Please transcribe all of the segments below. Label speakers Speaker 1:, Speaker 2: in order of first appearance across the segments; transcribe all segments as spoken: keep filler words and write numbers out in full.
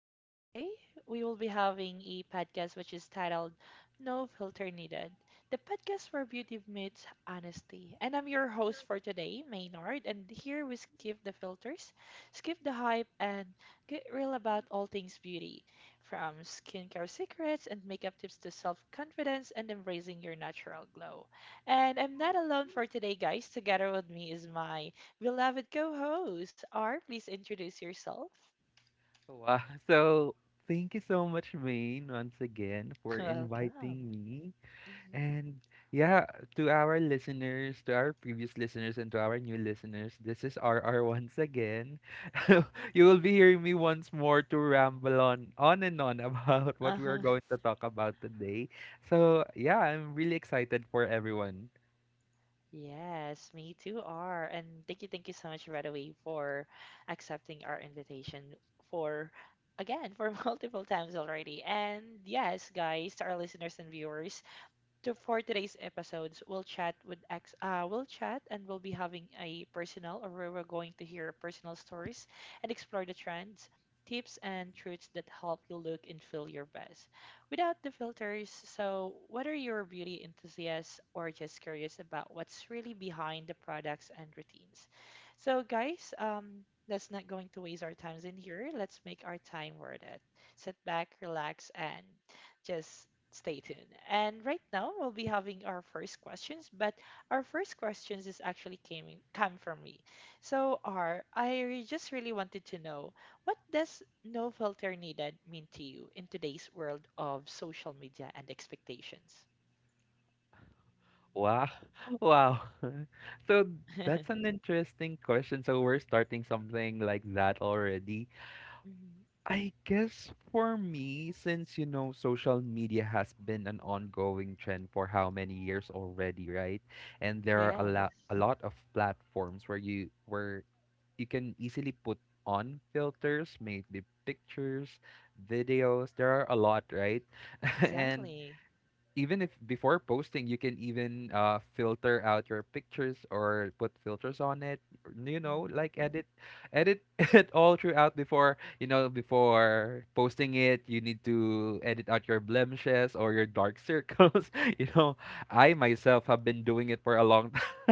Speaker 1: And today we will be having a podcast which is titled No Filter Needed, the podcast where beauty meets honesty. And I'm your host for today, Maynard, and here we skip the filters, skip the hype, and get real about all things beauty, from skincare secrets and makeup tips to self confidence and embracing your natural glow. And I'm not alone for today, guys. Together with me is my beloved co host. R, please introduce yourself.
Speaker 2: Wow. So thank you so much, Maine, once again for
Speaker 1: Welcome.
Speaker 2: inviting me.
Speaker 1: Hmm.
Speaker 2: And yeah, to our listeners, to our previous listeners, and to our new listeners, this is R R once again. You will be hearing me once more to ramble on, on and on about what we are
Speaker 1: Uh-huh.
Speaker 2: going to talk about today. So yeah, I'm really excited for everyone.
Speaker 1: Yes, me too, R. And thank you, thank you so much right away for accepting our invitation, for again for multiple times already. And yes, guys, to our listeners and viewers, to for today's episodes, we'll chat with ex, uh, we'll chat and we'll be having a personal, or where we're going to hear personal stories and explore the trends, tips, and truths that help you look and feel your best without the filters. So, whether you're a beauty enthusiast or just curious about what's really behind the products and routines, so guys, um. let's not going to waste our times in here. Let's make our time worth it. Sit back, relax, and just stay tuned. And right now we'll be having our first questions, but our first questions is actually came in- come from me. So R, I re- just really wanted to know, what does no filter needed mean to you in today's world of social media and expectations?
Speaker 2: Wow. Wow. So that's an interesting question. So we're starting something like that already.
Speaker 1: Mhm.
Speaker 2: I guess for me, since you know, social media has been an ongoing trend for how many years already, right? And there are a
Speaker 1: Yeah,
Speaker 2: lot, a lot of platforms where you where you can easily put on filters, maybe pictures, videos. There are a lot, right? And
Speaker 1: exactly.
Speaker 2: even if before posting you can even uh filter out your pictures or put filters on it, you know,
Speaker 1: Mhm.
Speaker 2: like edit edit it all throughout before, you know, before posting it, you need to edit out your blemishes or your dark circles, you know. I myself have been doing it for a long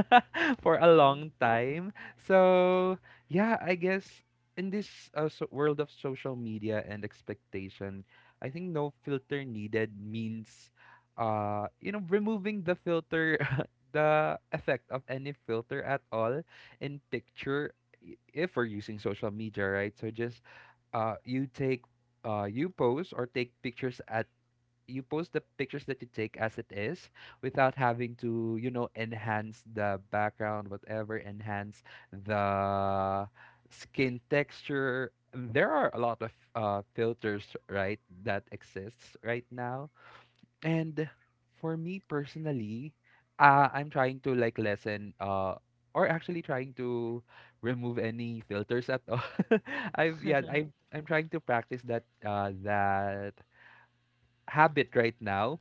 Speaker 2: for a
Speaker 1: Oh.
Speaker 2: long time. So yeah, I guess in this uh, so- world of social media and expectation, I think no filter needed means, uh you know, removing the filter, the effect of any filter at all in picture, i- if we're using social media, right? So just uh you take uh you post or take pictures at, you post the pictures that you take as it is, without having to, you know, enhance the background, whatever, enhance the skin texture. There are a lot of uh, filters, right, that exists right now. And for me personally, uh, I'm trying to like lessen, uh or actually trying to remove any filters at all. I've, yeah, I'm I'm trying to practice that uh that habit right now.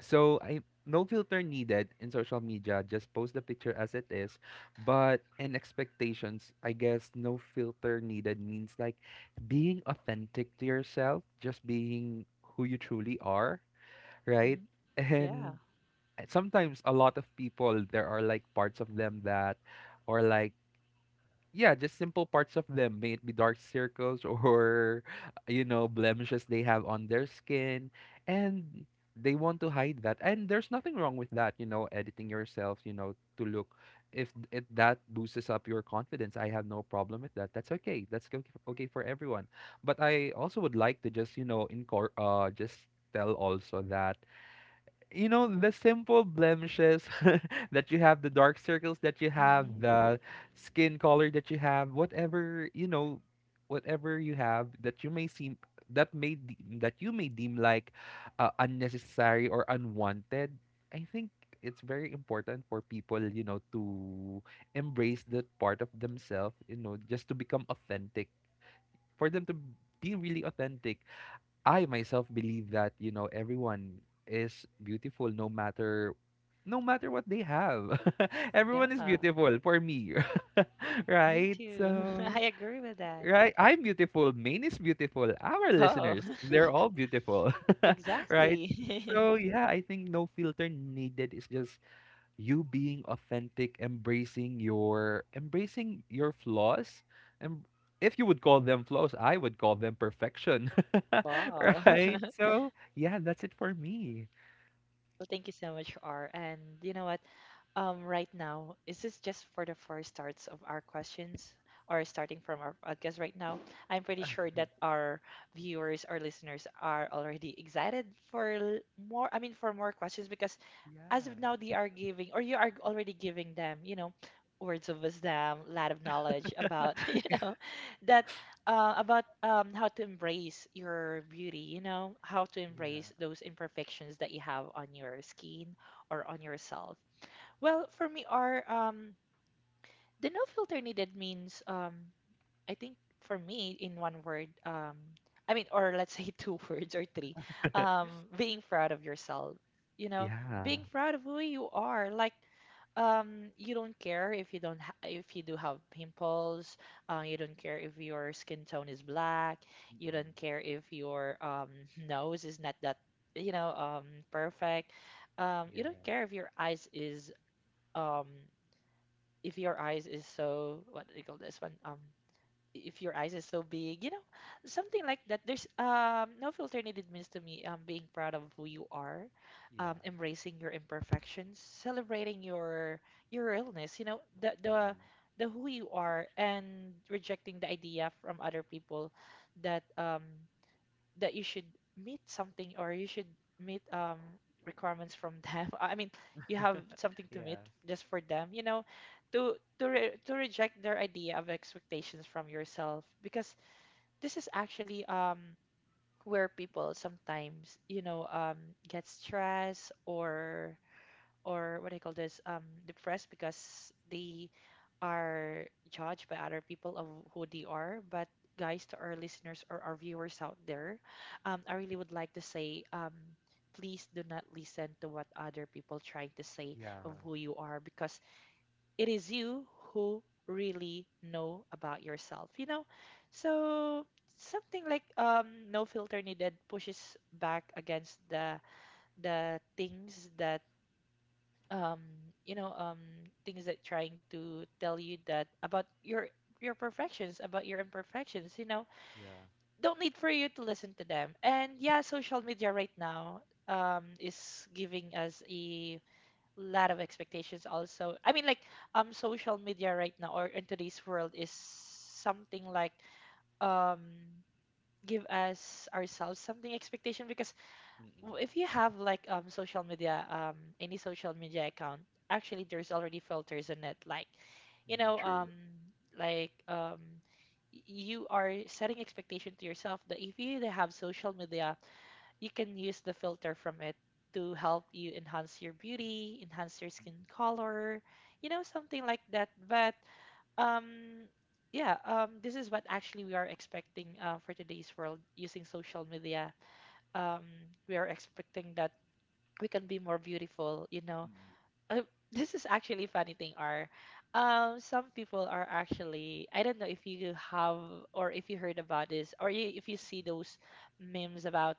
Speaker 2: So I, no filter needed in social media, just post the picture as it is. But in expectations, I guess no filter needed means like being authentic to yourself, just being who you truly are, right?
Speaker 1: Mhm. Yeah.
Speaker 2: And sometimes a lot of people, there are like parts of them that or like, yeah, just simple parts of them, may it be dark circles or, you know, blemishes they have on their skin, and they want to hide that. And there's nothing wrong with that, you know, editing yourself, you know, to look, if if that boosts up your confidence, I have no problem with that. That's okay, that's go- okay for everyone. But I also would like to just, you know, incor- uh just tell also that, you know, the simple blemishes that you have, the dark circles that you have,
Speaker 1: Mhm.
Speaker 2: the skin color that you have, whatever, you know, whatever you have that you may seem, that may de- that you may deem like uh, unnecessary or unwanted, I think it's very important for people, you know, to embrace that part of themselves, you know, just to become authentic, for them to be really authentic. I myself believe that, you know, everyone is beautiful, no matter, no matter what they have. Everyone is
Speaker 1: Yeah.
Speaker 2: beautiful for me.
Speaker 1: Me
Speaker 2: Right?
Speaker 1: too.
Speaker 2: So
Speaker 1: I agree with that.
Speaker 2: right, I'm beautiful, Maine is beautiful. Our
Speaker 1: Oh.
Speaker 2: listeners, they're all beautiful. Right?
Speaker 1: Exactly.
Speaker 2: So yeah, I think no filter needed is just you being authentic, embracing your embracing your flaws, and if you would call them flaws, I would call them perfection.
Speaker 1: Wow.
Speaker 2: Right? So, yeah, that's it for me.
Speaker 1: Well, thank you so much, R. And you know what? Um, right now, is this just for the first starts of our questions, or starting from our podcast right now? I'm pretty sure that our viewers or listeners are already excited for l- more, I mean, for more questions, because as of
Speaker 2: Yeah.
Speaker 1: now they are giving, or you are already giving them, you know words of wisdom, a lot of knowledge about you know that, uh, about, um, how to embrace your beauty, you know how to
Speaker 2: Yeah.
Speaker 1: embrace those imperfections that you have on your skin or on yourself. Well, for me, our um, the no filter needed means, um, I think for me, in one word, um, I mean, or let's say two words or three, um, being proud of yourself. You know,
Speaker 2: Yeah.
Speaker 1: being proud of who you are. Like, um, you don't care if you don't ha- if you do have pimples. Uh, you don't care if your skin tone is black. You
Speaker 2: Mm-mm.
Speaker 1: don't care if your um, nose is not that, you know um, perfect. Um, you don't
Speaker 2: Yeah.
Speaker 1: care if your eyes is, um, if your eyes is so, what do you call this one, um if your eyes is so big, you know, something like that. There's um no filter needed means to me, um being proud of who you are,
Speaker 2: Yeah.
Speaker 1: um embracing your imperfections, celebrating your your realness, you know, the the
Speaker 2: Mm-mm.
Speaker 1: the who you are, and rejecting the idea from other people that, um that you should meet something, or you should meet um requirements from them, I mean, you have something to meet
Speaker 2: Yeah.
Speaker 1: just for them, you know, to to re- to reject their idea of expectations from yourself, because this is actually um where people sometimes, you know um get stressed, or or what do you call this, um depressed, because they are judged by other people of who they are. But guys, to our listeners or our viewers out there, um, I really would like to say, um, please do not listen to what other people trying to say
Speaker 2: Yeah.
Speaker 1: of who you are, because it is you who really know about yourself. You know, so, something like, um, no filter needed pushes back against the the things that, um you know um things that trying to tell you that about your your perfections, about your imperfections, you know
Speaker 2: Yeah.
Speaker 1: don't need for you to listen to them. And yeah, social media right now um is giving us a lot of expectations also. I mean, like, um social media right now, or in today's world, is something like, um give us ourselves something expectation, because, well,
Speaker 2: Mm-mm.
Speaker 1: if you have like um social media, um any social media account, actually there's already filters in it. Like, you
Speaker 2: Mm,
Speaker 1: know,
Speaker 2: true.
Speaker 1: um like, um y- you are setting expectation to yourself that if you either have social media, you can use the filter from it to help you enhance your beauty, enhance your skin color, you know, something like that. But um yeah, um this is what actually we are expecting, uh, for today's world, using social media, um, we are expecting that we can be more beautiful you know
Speaker 2: Mm-mm.
Speaker 1: uh, this is actually funny thing, are, um some people are actually, I don't know if you have, or if you heard about this, or you, if you see those memes about,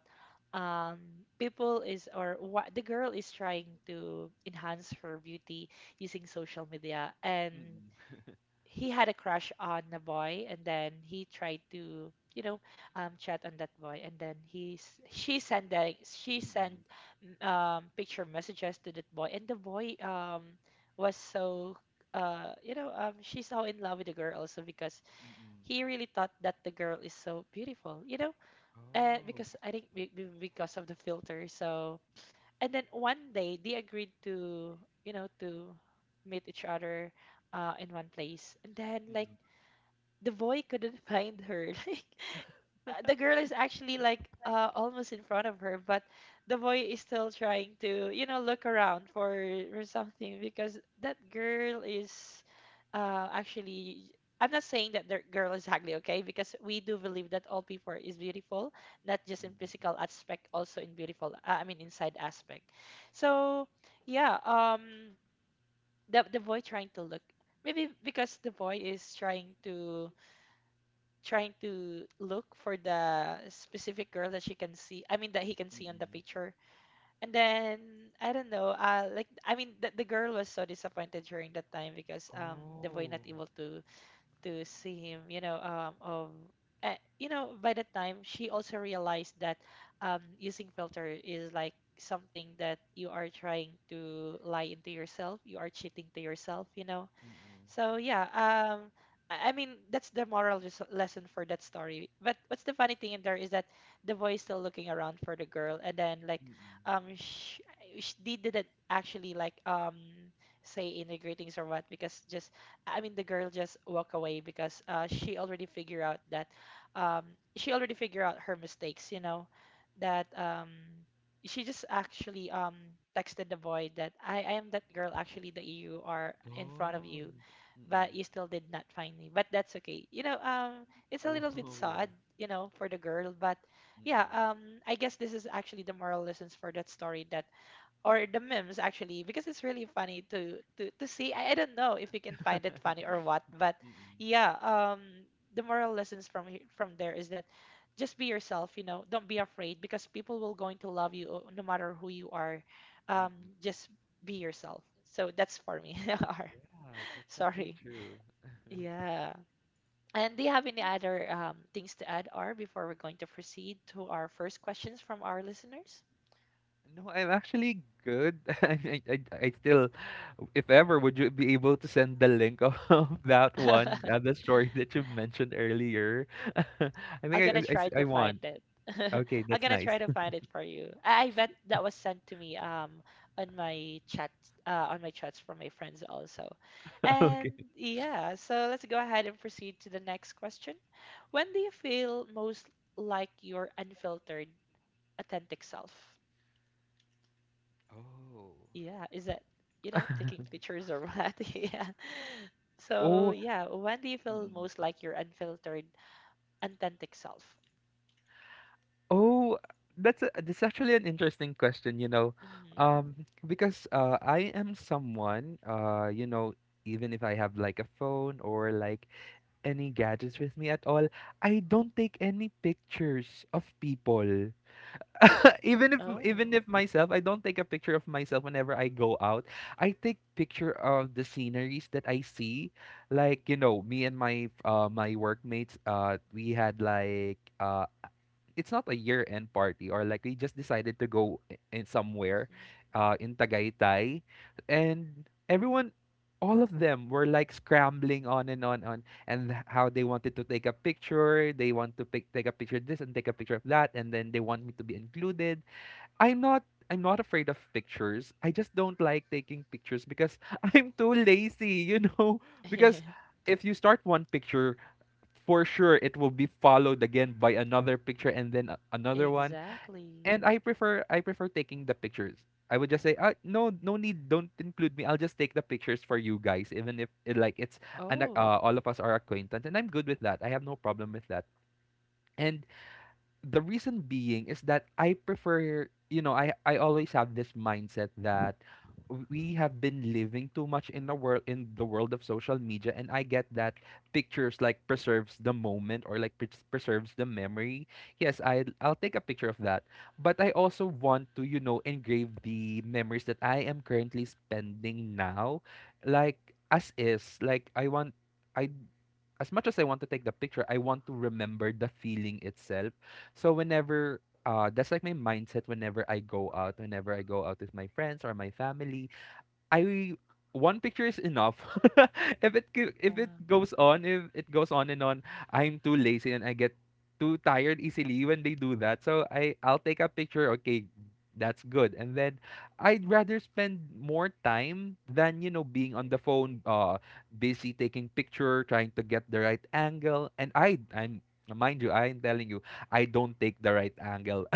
Speaker 1: um people is, or what, the girl is trying to enhance her beauty using social media, and
Speaker 2: Mm-mm.
Speaker 1: he had a crush on a boy, and then he tried to, you know um, chat on that boy. And then he s- she sent a, she sent,
Speaker 2: Mm-mm.
Speaker 1: mm, um, picture messages to that boy, and the boy, um, was so, uh, you know um, she's so in love with the girl also, because
Speaker 2: Mm-mm.
Speaker 1: he really thought that the girl is so beautiful, you know
Speaker 2: Oh.
Speaker 1: and because I think
Speaker 2: Mm-mm.
Speaker 1: be- be- because of the filter. So, and then one day they agreed to, you know to meet each other, uh, in one place, and then like the boy couldn't find her. Like, uh, the girl is actually like, uh, almost in front of her, but the boy is still trying to, you know look around for for something, because that girl is, uh, actually. I'm not saying that the girl is ugly, okay? Because we do believe that all people is beautiful, not just in physical aspect, also in beautiful. Uh, I mean, inside aspect. So yeah, um, the the boy trying to look, maybe because the boy is trying to, trying to look for the specific girl that she can see, I mean that he can
Speaker 2: Mm-mm. Mm-mm.
Speaker 1: see on the
Speaker 2: Mm-mm.
Speaker 1: picture. And then I don't know, uh like, I mean, the, the girl was so disappointed during that time, because um the boy not
Speaker 2: Oh.
Speaker 1: able to to see him, you know um of, uh, you know by that time she also realized that um using filter is like something that you are trying to lie into yourself, you are cheating to yourself, you know
Speaker 2: Mm-mm.
Speaker 1: so yeah. um, I I mean, that's the moral res- lesson for that story. But what's the funny thing in there is that the boy is still looking around for the girl, and then like,
Speaker 2: Mm-mm.
Speaker 1: um she, she didn't actually like, um say any greetings or what, because, just, I mean, the girl just walk away, because uh she already figure out that, um she already figure out her mistakes, you know, that, um she just actually, um texted the boy that, I I am that girl actually that you are in front of
Speaker 2: Oh.
Speaker 1: you, but
Speaker 2: Mm.
Speaker 1: you still did not find me. But that's okay. You know, um, it's a
Speaker 2: Oh,
Speaker 1: little bit
Speaker 2: yeah.
Speaker 1: sad, you know, for the girl. But yeah,
Speaker 2: Mm-mm.
Speaker 1: um, I guess this is actually the moral lessons for that story, that, or the memes actually, because it's really funny to to to see. I, I don't know if you can find it funny or what, but
Speaker 2: Mm-mm.
Speaker 1: yeah, um, the moral lessons from he- from there is that, just be yourself. You know, don't be afraid, because people will going to love you, uh, no matter who you are. Um,
Speaker 2: Mm-mm.
Speaker 1: just be yourself. So that's for me.
Speaker 2: Yeah, that's actually
Speaker 1: Sorry.
Speaker 2: true.
Speaker 1: Yeah. And do you have any other um, things to add, R, before we're going to proceed to our first questions from our listeners?
Speaker 2: No, I'm actually good. I, I, I still, if ever, would you be able to send the link of that one, uh, the story that you mentioned earlier? I think
Speaker 1: I'm
Speaker 2: I,
Speaker 1: gonna
Speaker 2: I, s-
Speaker 1: try
Speaker 2: I
Speaker 1: to find
Speaker 2: want.
Speaker 1: it.
Speaker 2: Okay,
Speaker 1: I'm
Speaker 2: that's
Speaker 1: gonna try
Speaker 2: nice.
Speaker 1: to find it for you. I I bet that was sent to me um on my chat uh, on my chats from my friends also. And
Speaker 2: Okay.
Speaker 1: yeah, so let's go ahead and proceed to the next question. When do you feel most like your unfiltered, authentic self?
Speaker 2: Oh.
Speaker 1: Yeah, is that, you know taking pictures or what? Yeah, so
Speaker 2: Oh,
Speaker 1: yeah, when do you feel most like your unfiltered, authentic self?
Speaker 2: Oh, that's a, that's actually an interesting question, you know,
Speaker 1: Mhm.
Speaker 2: um, because uh, I am someone, uh, you know, even if I have like a phone or like any gadgets with me at all, I don't take any pictures of people. Even if
Speaker 1: Oh.
Speaker 2: even if myself, I don't take a picture of myself whenever I go out. I take picture of the sceneries that I see, like, you know, me and my uh my workmates. Uh, we had like uh, it's not a year end party, or like we just decided to go i- in somewhere
Speaker 1: Mhm.
Speaker 2: uh in Tagaytay, and everyone, all of them were like scrambling on and on, on, and how they wanted to take a picture. They want to pick, take a picture of this and take a picture of that, and then they want me to be included. I'm not i'm not afraid of pictures. I just don't like taking pictures because I'm too lazy, you know, because if you start one picture, for sure it will be followed again by another picture, and then a- another one.
Speaker 1: Exactly.
Speaker 2: And I prefer I prefer taking the pictures. I would just say, ah, no, no need, don't include me. I'll just take the pictures for you guys, even if it, like it's an,
Speaker 1: Oh.
Speaker 2: uh, all of us are acquaintance, and I'm good with that. I have no problem with that. And the reason being is that I prefer, you know, I I always have this mindset that we have been living too much in the world in the world of social media. And I get that pictures like preserves the moment, or like pres- preserves the memory. Yes, I I'll take a picture of that, but I also want to, you know, engrave the memories that I am currently spending now, like, as is. Like I want, I, as much as I want to take the picture, I want to remember the feeling itself. So whenever, uh that's like my mindset whenever I go out, whenever I go out with my friends or my family, I, one picture is enough. If it go- if it
Speaker 1: Yeah.
Speaker 2: goes on, if it goes on and on, I'm too lazy, and I get too tired easily when they do that. So I I'll take a picture. Okay, that's good. And then I'd rather spend more time than, you know, being on the phone, uh, busy taking picture, trying to get the right angle. And I I'm mind you, I'm telling you, I don't take the right angle.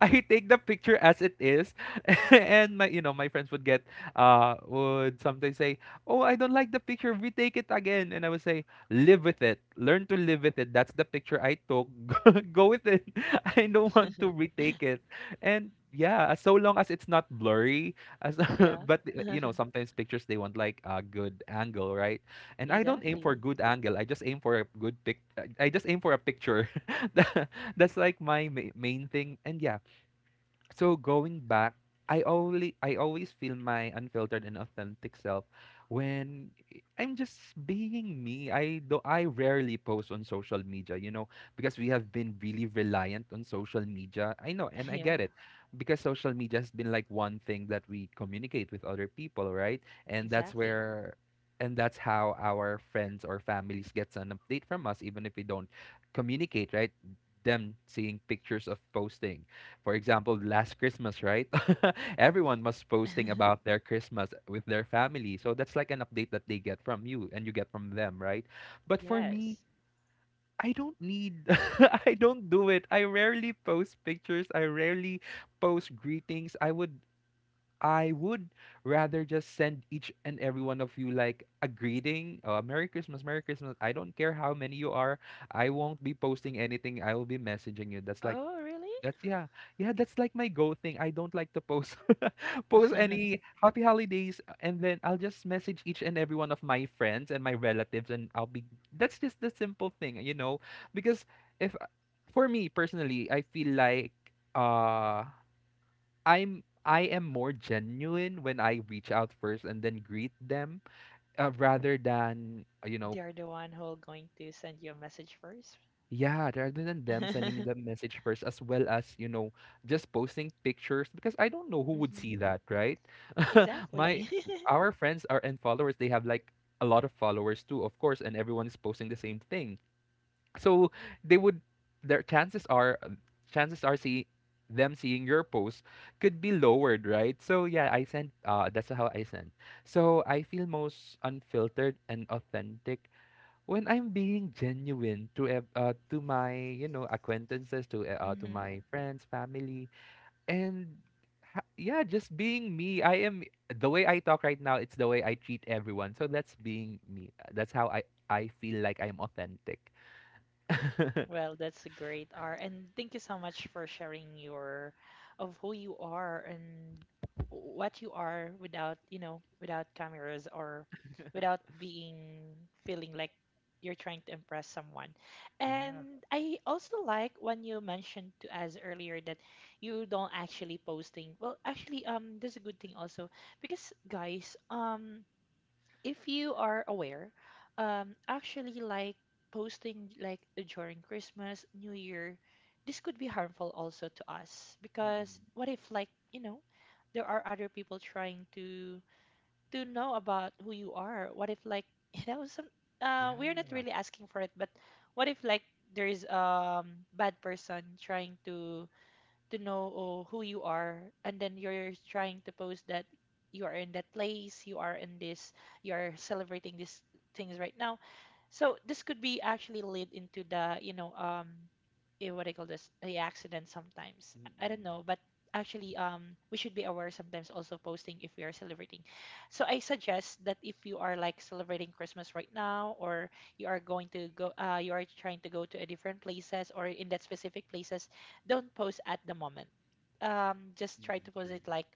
Speaker 2: I take the picture as it is, and my, you know, my friends would get, uh would sometimes say, oh, I don't like the picture, retake it again. And I would say, live with it, learn to live with it. That's the picture I took. Go with it. I don't want to retake it. And yeah, as- so long as it's not blurry as,
Speaker 1: Yeah.
Speaker 2: but uh, you know, sometimes pictures they want like a good angle, right? And I don't aim for
Speaker 1: Exactly.
Speaker 2: good angle, I just aim for a good pic, i I just aim for a picture. Tha- that's like my ma- main thing. And yeah, so going back, I only I always feel my unfiltered and authentic self when i- am just being me. I do, I rarely post on social media, you know, because we have been really reliant on social media. I know and I
Speaker 1: Yeah.
Speaker 2: get it. Because social media has been like one thing that we communicate with other people, right? And that's
Speaker 1: Exactly.
Speaker 2: where and that's how our friends or families gets an update from us, even if we don't communicate, right? Them seeing pictures of posting, for example, last Christmas, right? Everyone was posting about their Christmas with their family. So that's like an update that they get from you and you get from them, right? But for
Speaker 1: Yes.
Speaker 2: me, I don't need, I don't do it. I rarely post pictures. I rarely post greetings. I would, I would rather just send each and every one of you like a greeting, uh, Merry Christmas, Merry Christmas. I don't care how many you are. I won't be posting anything. I will be messaging you. That's like
Speaker 1: Oh, really?
Speaker 2: that's Yeah. Yeah, that's like my go thing. I don't like to post post any happy holidays, uh, and then I'll just message each and every one of my friends and my relatives, and I'll be, that's just the simple thing, you know? Because if uh, for me personally, I feel like uh I'm I am more genuine when I reach out first and then greet them, uh, rather than, uh, you know.
Speaker 1: They are the one who are going to send you a message first.
Speaker 2: Yeah, rather than them sending me the message first, as well as, you know, just posting pictures, because I don't know who would see
Speaker 1: Hmm.
Speaker 2: that, right? My
Speaker 1: Exactly.
Speaker 2: our friends are and followers, they have like a lot of followers too, of course, and everyone is posting the same thing. So they would their chances are um, chances are see them seeing your post could be lowered, right? So yeah, I sent uh that's how I sent. So I feel most unfiltered and authentic when I'm being genuine to ev- uh, to my you know acquaintances to uh, to my friends family and ha- yeah, just being me. I am the way I talk right now. It's the way I treat everyone, so that's being me. Uh, that's how I I feel like I'm authentic.
Speaker 1: Well, that's a great R. And thank you so much for sharing your of who you are and what you are without, you know, without cameras or without being feeling like you're trying to impress someone.
Speaker 2: Yeah.
Speaker 1: And I also like when you mentioned to us earlier that you don't actually posting. Well, actually, um, that's a good thing also because guys, um, if you are aware, um, actually like posting like during Christmas, New Year, this could be harmful also to us because
Speaker 2: Mm-mm.
Speaker 1: what if like you know there are other people trying to to know about who you are? What if like you know some uh, we're
Speaker 2: Yeah.
Speaker 1: not really asking for it, but what if like there is um bad person trying to to know oh, who you are and then you're trying to post that you are in that place, you are in this, you are celebrating these things right now. So this could be actually lead into the, you know, um, eh, what do call this? The accident sometimes. I don't
Speaker 2: Mm-mm.
Speaker 1: know, but actually, um, we should be aware sometimes also posting if we are celebrating. So I suggest that if you are like celebrating Christmas right now, or you are going to go, uh, you are trying to go to a different places or in that specific places, don't post at the moment. Um, just try
Speaker 2: Mm-mm.
Speaker 1: to post
Speaker 2: True.
Speaker 1: it like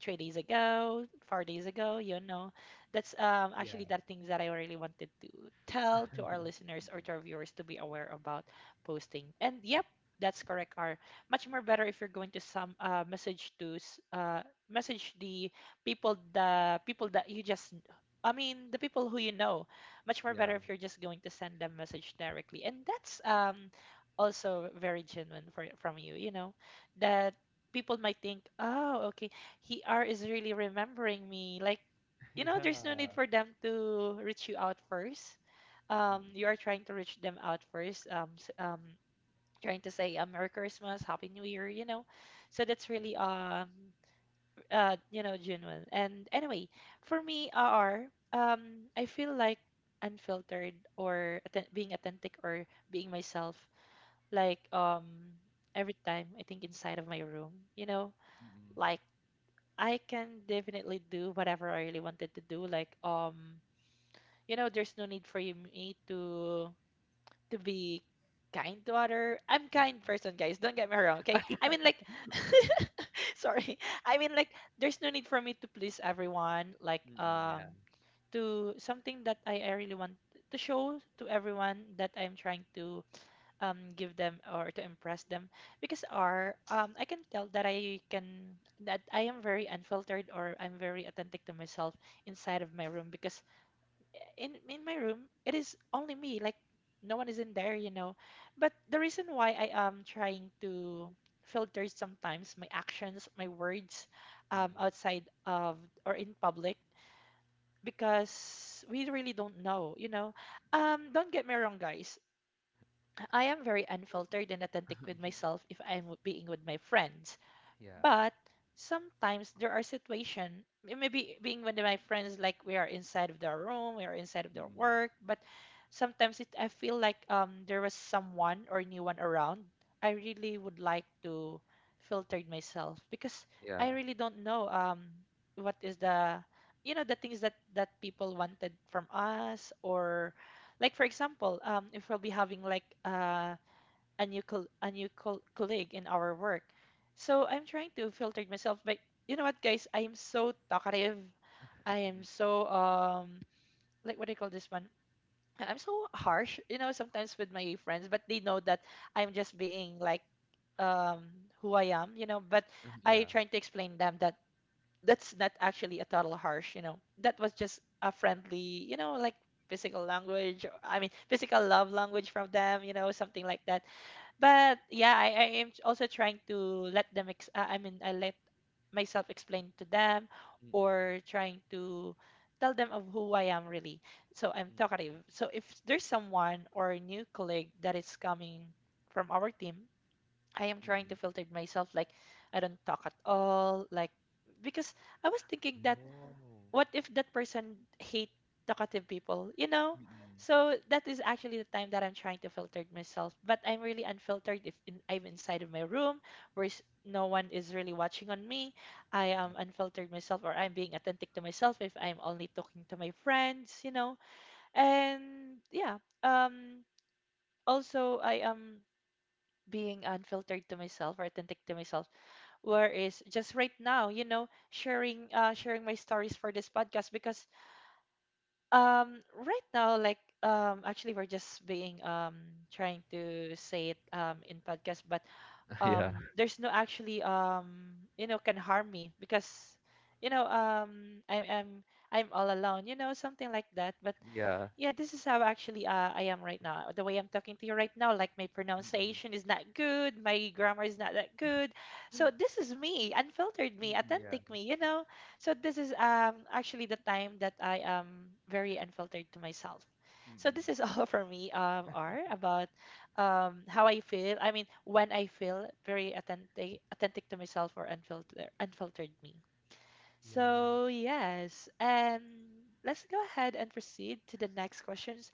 Speaker 1: three days ago, four days ago, you know that's um,
Speaker 2: Yeah.
Speaker 1: actually the things that I really wanted to tell to our listeners or to our
Speaker 2: Mm-mm.
Speaker 1: viewers to be aware about posting. And yep, that's correct. Are much more better if you're going to some uh, message to s- uh, message the people the people that you just I mean the people who you know. Much more
Speaker 2: Yeah.
Speaker 1: better if you're just going to send them message directly. And that's um also very genuine for from you. You know that people might think, oh, okay, he R is really remembering me. Like you know, there's no need
Speaker 2: Yeah.
Speaker 1: for them to reach you out first. Um, you
Speaker 2: Mm-mm.
Speaker 1: are trying to reach them out first. Um, s- um, trying to say uh, Merry Christmas, Happy New Year, you know. So that's really
Speaker 2: Mm-mm.
Speaker 1: um, uh, you know, genuine. And anyway, for me, R R, um, I feel like unfiltered or atten- being authentic or being myself. Like um, every time I think inside of my room, you know,
Speaker 2: Mm-mm.
Speaker 1: like I can definitely do whatever I really wanted to do. Like um you know there's no need for you me to to be kind to other. I'm kind
Speaker 2: Mm-mm.
Speaker 1: person, guys, don't get me wrong. Okay, I mean like sorry, I mean like there's no need for me to please everyone. Like
Speaker 2: Mm-mm.
Speaker 1: um
Speaker 2: Yeah.
Speaker 1: to something that i, I really want to show to everyone that I'm trying to um give them or to impress them because are um I can tell that I can that I am very unfiltered or I'm very authentic to myself inside of my room, because in in my room it is only me. Like no one is in there, you know. But the reason why I am trying to filter sometimes my actions, my words, um,
Speaker 2: Mm-mm.
Speaker 1: outside of or in public, because we really don't know, you know. um, don't get me wrong guys, I am very unfiltered and authentic with myself if I'm w- being with my friends.
Speaker 2: Yeah.
Speaker 1: But sometimes there are situations, maybe being with my friends, like we are inside of their room, we are inside of their
Speaker 2: Mm-mm.
Speaker 1: work, but sometimes it, I feel like um there was someone or new one around. I really would like to filter it myself because
Speaker 2: Yeah.
Speaker 1: I really don't know um what is the you know the things that that people wanted from us. Or like for example um if we'll be having like a a new col- a new col- colleague in our work. So I'm trying to filter myself, but you know what, guys? I am so talkative. I am
Speaker 2: Mm,
Speaker 1: so um like what do you call this one? I'm so harsh, you know, sometimes with my friends, but they know that I'm just being like um who I am, you know. But
Speaker 2: ah,
Speaker 1: I
Speaker 2: yeah.
Speaker 1: trying to explain them that that's not actually a total harsh, you know. That was just a friendly, you know, like physical language. I mean, physical love language from them, you know, something like that. But yeah, I, I am also trying to let them ex- uh, I mean I let myself explain to them or
Speaker 2: Mm,
Speaker 1: trying to tell them of who I am really. So I'm talkative. So if there's someone or a new colleague that is coming from our team, I am
Speaker 2: mm,
Speaker 1: trying to
Speaker 2: mm.
Speaker 1: filter myself. Like I don't talk at all, like because I was thinking that
Speaker 2: Oh.
Speaker 1: what if that person hate talkative people, you know.
Speaker 2: Mm.
Speaker 1: So that is actually the time that I'm trying to filter myself, but I'm really unfiltered if in, I'm inside of my room where s- no one is really watching on me. I am unfiltered myself or I'm being authentic to myself if I'm only talking to my friends, you know. And yeah, um also I am being unfiltered to myself or authentic to myself, whereas just right now, you know, sharing uh sharing my stories for this podcast, because um right now like um actually we're just being um trying to say it um in podcast, but
Speaker 2: Yeah.
Speaker 1: um there's no actually um you know can harm me because you know um I'm I'm I'm all alone, you know, something like that. But
Speaker 2: Yeah.
Speaker 1: yeah, this is how actually uh, I am right now. The way I'm talking to you right now, like my
Speaker 2: Mm.
Speaker 1: pronunciation is not good, my grammar is not that good. So this is me, unfiltered me,
Speaker 2: Mm, yeah.
Speaker 1: authentic me, you know. So this is um actually the time that I am very unfiltered to myself. So this is
Speaker 2: Mm.
Speaker 1: all for me, um, R, about um how I feel. I mean, when I feel very authentic, authentic to myself or unfiltered, unfiltered me.
Speaker 2: Yeah.
Speaker 1: So, yes, and let's go ahead and proceed to the next questions.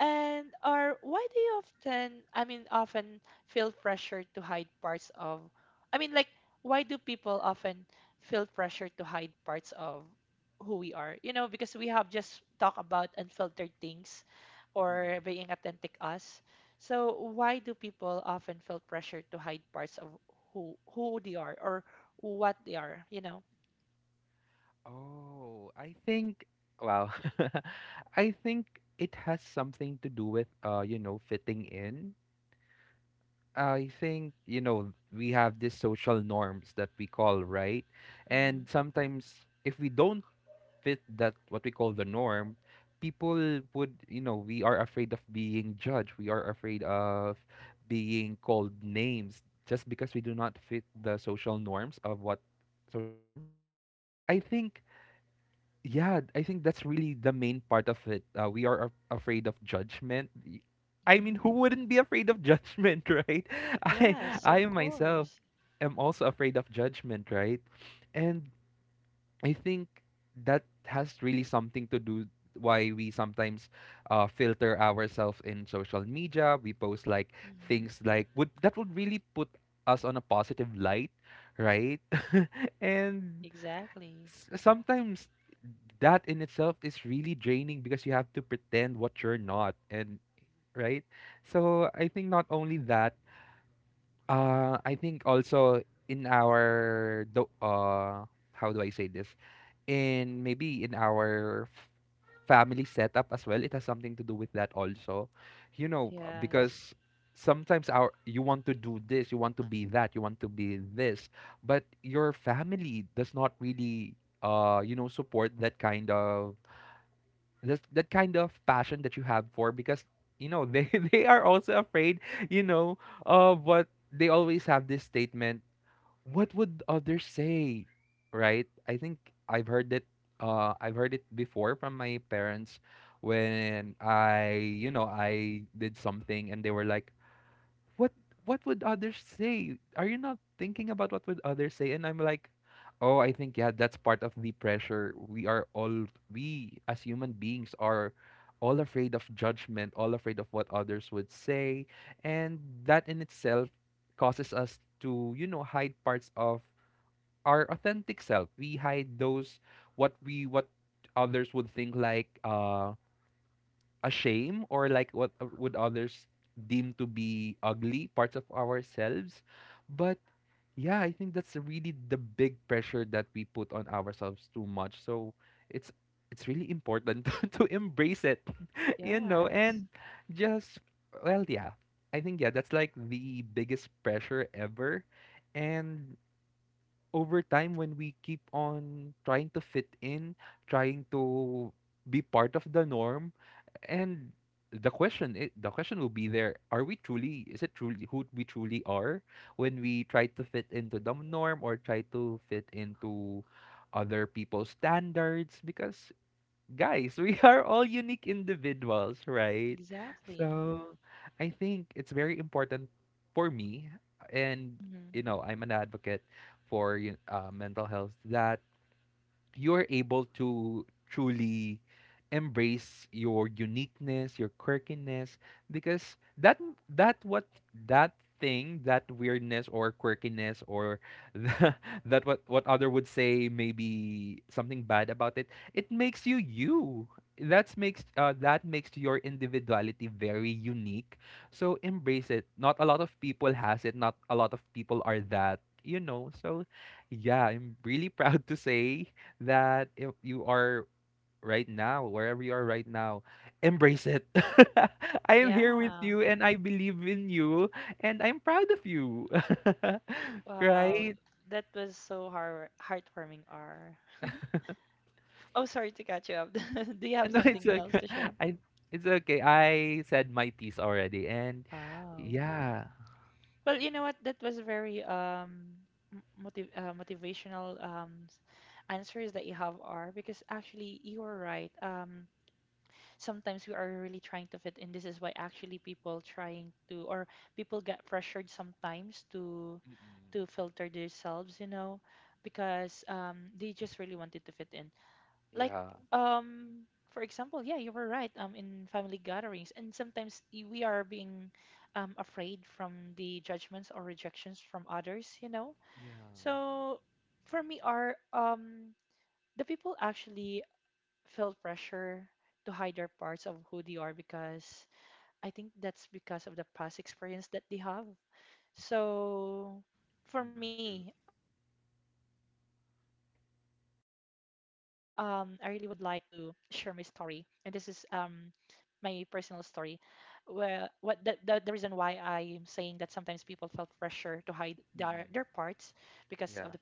Speaker 1: And are why do you often, I mean, often feel pressure to hide parts of, I mean, like, why do people often feel pressure to hide parts of who we are? You know, because we have just talked about unfiltered things or
Speaker 2: Mm.
Speaker 1: being authentic us. So, why do people often feel pressure to hide parts of who who they are or what they are, you know?
Speaker 2: Oh, I think, wow. I think it has something to do with uh, you know, fitting in. I think, you know, we have these social norms that we call, right? And sometimes if we don't fit that what we call the norm, people would, you know, we are afraid of being judged. We are afraid of being called names just because we do not fit the social norms of what social norms. But I think yeah, I think that's really the main part of it. Uh, we are af- afraid of judgment. Y- I
Speaker 1: Mhm.
Speaker 2: mean, who wouldn't be afraid of judgment, right? I
Speaker 1: Of
Speaker 2: I
Speaker 1: course.
Speaker 2: myself am also afraid of judgment, right? And I think that has really something to do why we sometimes uh, filter ourselves in social media. We post like
Speaker 1: Mhm.
Speaker 2: things like would that would really put us on a positive light, right? And
Speaker 1: Exactly.
Speaker 2: s- sometimes that in itself is really draining because you have to pretend what you're not, and right. So I think not only that, uh, I think also in our do- uh, how do I say this? In maybe in our f- family setup as well, it has something to do with that also, you know uh,
Speaker 1: Yes.
Speaker 2: because sometimes our you want to do this, you want to be that, you want to be this, but your family does not really uh you know support that kind of that, that kind of passion that you have for, because you know they they are also afraid, you know of what, they always have this statement, what would others say? Right? I think I've heard it uh I've heard it before from my parents, when I, you know, I did something and they were like, what what would others say? Are you not thinking about what would others say? And I'm like, oh, I think, yeah, that's part of the pressure. We are all we as human beings are all afraid of judgment, all afraid of what others would say, and that in itself causes us to you know hide parts of our authentic self. We hide those, what we what others would think, like uh a shame, or like what uh, would others deem to be ugly parts of ourselves. But yeah, I think that's really the big pressure that we put on ourselves too much. So it's it's really important to embrace it, you know,
Speaker 1: Yes.
Speaker 2: and just, well, yeah. I think, yeah, that's like the biggest pressure ever. And over time, when we keep on trying to fit in, trying to be part of the norm, and the question i the question will be, there are we truly is it truly who we truly are when we try to fit into the norm or try to fit into other people's standards, because guys, we are all unique individuals, right?
Speaker 1: Exactly.
Speaker 2: So I think it's very important, for me, and
Speaker 1: Mhm.
Speaker 2: you know I'm an advocate for you- uh, mental health, that you're able to truly embrace your uniqueness, your quirkiness, because that that what that thing, that weirdness or quirkiness, or the, that, what what other would say, maybe something bad about it, it makes you you. That's makes uh, that makes your individuality very unique. So embrace it. Not a lot of people has it. Not a lot of people are that. You know. So yeah, I'm really proud to say that, if you are right now, wherever you are right now, embrace it. I am here with
Speaker 1: Yeah.
Speaker 2: you and I believe in you, and I'm proud of you.
Speaker 1: Wow.
Speaker 2: Right?
Speaker 1: That was so heart heartwarming, R. Oh, sorry to catch you up. Do you have
Speaker 2: No, it's
Speaker 1: something else
Speaker 2: okay.
Speaker 1: to share?
Speaker 2: I It's okay. I said my piece already, and
Speaker 1: Oh.
Speaker 2: yeah.
Speaker 1: Well, you know what? That was a very um m- motiv uh, motivational um s- answers that you have, R, because actually you were right. Um, sometimes we are really trying to fit in. This is why actually people trying to or people get pressured sometimes to to filter themselves, you know, because um they just really wanted to fit in. Like
Speaker 2: Yeah.
Speaker 1: um for example, yeah, you were right. Um, in family gatherings, and sometimes y- we are being um afraid from the judgments or rejections from others, you know.
Speaker 2: Yeah.
Speaker 1: So for me, are um the people actually feel pressure to hide their parts of who they are because I think that's because of the past experience that they have. So for
Speaker 2: Mm-mm,
Speaker 1: me,
Speaker 2: true.
Speaker 1: um, I really would like to share my story, and this is um my personal story. Well, what the, the the reason why I'm saying that sometimes people felt pressure to hide their their parts, because of the
Speaker 2: Mm-mm.
Speaker 1: past experience.
Speaker 2: Yeah.
Speaker 1: Because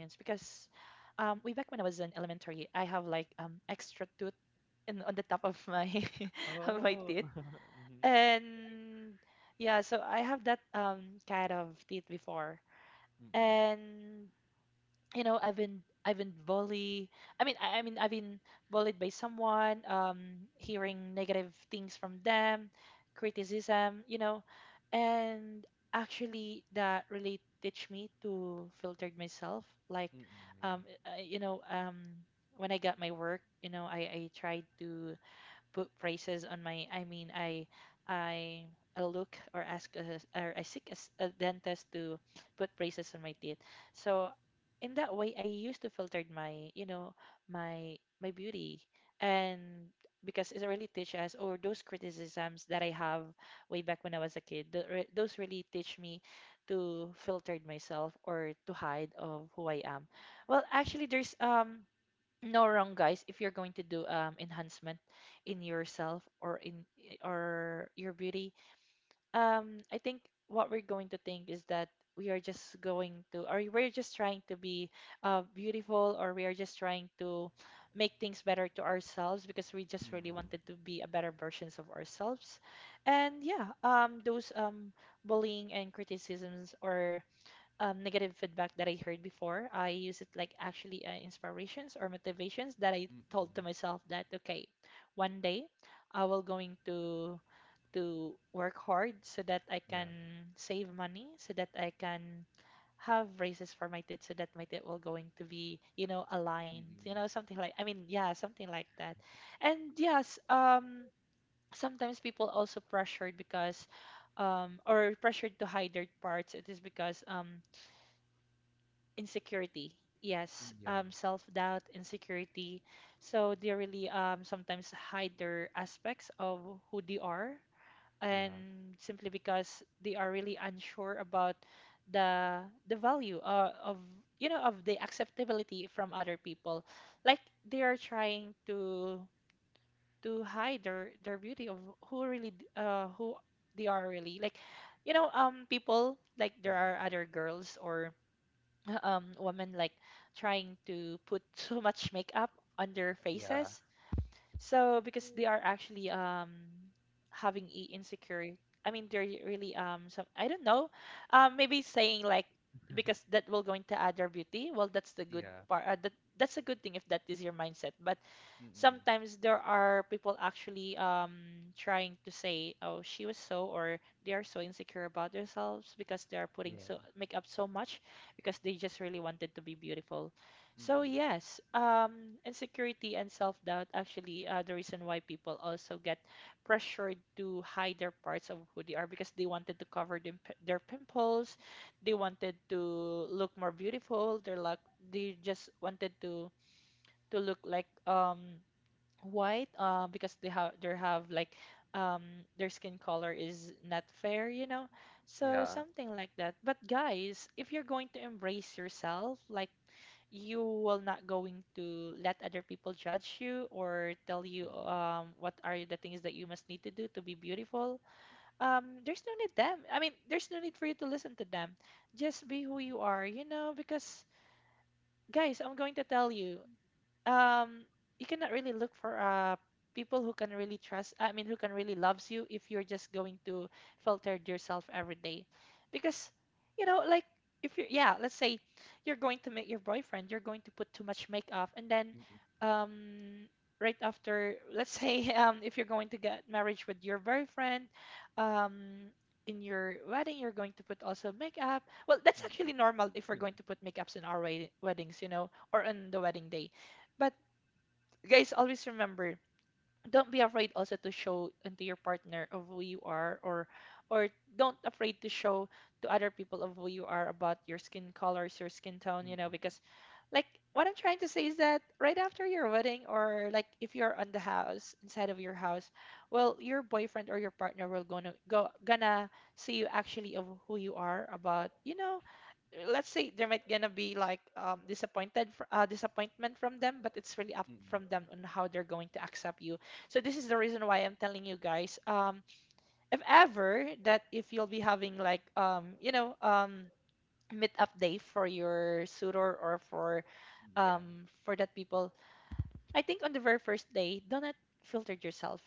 Speaker 1: um, way back when I was in elementary, I have like um extra tooth in on the top of my of my
Speaker 2: Oh.
Speaker 1: teeth.
Speaker 2: Mm-hmm.
Speaker 1: And yeah, so I have that um kind of teeth before.
Speaker 2: Mm-mm.
Speaker 1: And you know, I've been I've been bullied. I mean, I, I mean, I've been bullied by someone. Um, hearing negative things from them, criticism. You know, and actually, that really teach me to filtered myself. Like,
Speaker 2: Mm-mm.
Speaker 1: um, uh, you know, um, when I got my work, you know, I I tried to put phrases on my I mean i i I look or ask a, or I seek a, s- a dentist to put braces on my teeth. So in that way, I used to filter my you know my my beauty, and because it really teach us or those criticisms that I have way back when I was a kid, tho- re- those really teach me to filter myself or to hide of who I am. Well, actually, there's um no wrong guys if you're going to do um enhancement in yourself or in or your beauty. Um i think what we're going to think is that we are just going to or we're just trying to be uh, beautiful, or we are just trying to make things better to ourselves because we just really
Speaker 2: Yeah.
Speaker 1: wanted to be a better versions of ourselves. And yeah, um those um bullying and criticisms or um, negative feedback that I heard before. I use it like actually uh, inspirations or motivations that I
Speaker 2: Mm-mm.
Speaker 1: told to
Speaker 2: Mm-mm.
Speaker 1: myself that okay, one day I will going to to work hard so that I can
Speaker 2: Yeah.
Speaker 1: save money, so that I can have raises for my kids, so that my kid will going to be, you know, aligned,
Speaker 2: Mm-mm.
Speaker 1: you know, something like, I mean yeah, something like that, and yes, um sometimes people also pressured because um, or pressured to hide their parts, it is because um, insecurity,
Speaker 2: Mm,
Speaker 1: yes,
Speaker 2: yeah.
Speaker 1: um, self-doubt, insecurity. So they really, um, sometimes hide their aspects of who they are,
Speaker 2: Yeah.
Speaker 1: and simply because they are really unsure about the the value, uh, of, you know, of the acceptability from other people, like they are trying to to hide their their beauty of who really d- uh, who they are really, like, you know, um people, like there are
Speaker 2: Mm-mm.
Speaker 1: other girls or um, women, like trying to put so much makeup on their
Speaker 2: Yeah.
Speaker 1: faces. So because they are actually, um, having i- insecurity. I mean, they're really um some, I don't know, um maybe saying like because that will going to add their beauty. Well, that's the good
Speaker 2: Yeah.
Speaker 1: part. Uh, that that's a good thing if that is your mindset. But
Speaker 2: Mm-mm.
Speaker 1: sometimes there are people actually um trying to say oh she was so or they are so insecure about themselves because they are putting
Speaker 2: Yeah.
Speaker 1: so makeup so much because they just really wanted to be beautiful. So
Speaker 2: Mm-mm.
Speaker 1: yes, um insecurity and self-doubt actually uh, the reason why people also get pressured to hide their parts of who they are, because they wanted to cover them, their pimples, they wanted to look more beautiful, they're like they just wanted to to look like um white, uh, because they have they have like um their skin color is not fair, you know. So
Speaker 2: Yeah.
Speaker 1: something like that, but guys, if you're going to embrace yourself, like you will not going to let other people judge you or tell you
Speaker 2: Mm-mm.
Speaker 1: um what are the things that you must need to do to be beautiful. Um there's no need them, I mean there's no need for you to listen to them, just be who
Speaker 2: Mm.
Speaker 1: you are, you know, because guys, I'm going to tell you, um you cannot really look for uh people who can really trust, I mean who can really loves you if you're just going to filter yourself every day, because, you know, like if you, yeah, let's say you're going to meet your boyfriend, you're going to put too much makeup, and then,
Speaker 2: Mm-mm.
Speaker 1: um right after, let's say um if you're going to get marriage with your boyfriend, um in your wedding you're going to put also makeup. Well, that's actually
Speaker 2: Mm-mm.
Speaker 1: normal if we're
Speaker 2: Mm-mm.
Speaker 1: going to put makeups in our wed- weddings, you know, or on the wedding day. But guys, always remember, don't be afraid also to show into your partner of who you are, or or don't afraid to show to other people of who you are, about your skin colors, your skin tone,
Speaker 2: Mm,
Speaker 1: you know,
Speaker 2: mm,
Speaker 1: because, like, what I'm trying to say is that right after your wedding, or like if you're on the house, inside of your house, well your boyfriend or your partner will gonna go gonna see you actually of who you are about, you know, let's say there might gonna be like um disappointed fr- uh, disappointment from them, but it's really up
Speaker 2: mm.
Speaker 1: from them on how they're going to accept you. So this is the reason why I'm telling you guys, um, if ever that if you'll be having like um, you know, um meetup day for your suitor or for
Speaker 2: Yeah.
Speaker 1: um for that people, I think on the very first day, do not filter yourself,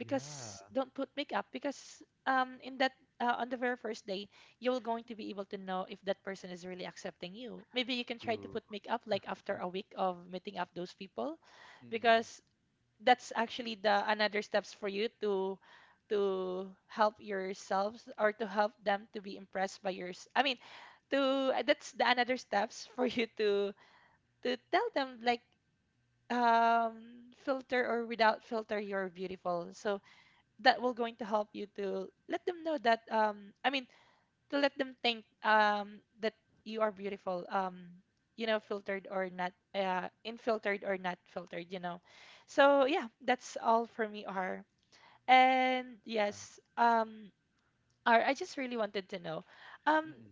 Speaker 2: Yeah.
Speaker 1: don't put makeup, because um in that uh, on the very first day you're going to be able to know if that person is really accepting you. Maybe you can try to
Speaker 2: True.
Speaker 1: put makeup like after a week of meeting up those people,
Speaker 2: Mm-mm.
Speaker 1: because that's actually the another steps for you to to help yourselves or to help them to be impressed by yours, I mean to that's the another steps for you to to tell them like um filter or without filter you're beautiful. So that will going to help you to let them know that, um I mean to let them think um that you are beautiful, um you know, filtered or not, uh infiltered or not filtered, you know. So yeah, that's all for me, R. And
Speaker 2: Yeah.
Speaker 1: yes, um R, I just really wanted to know, um
Speaker 2: Mm-mm.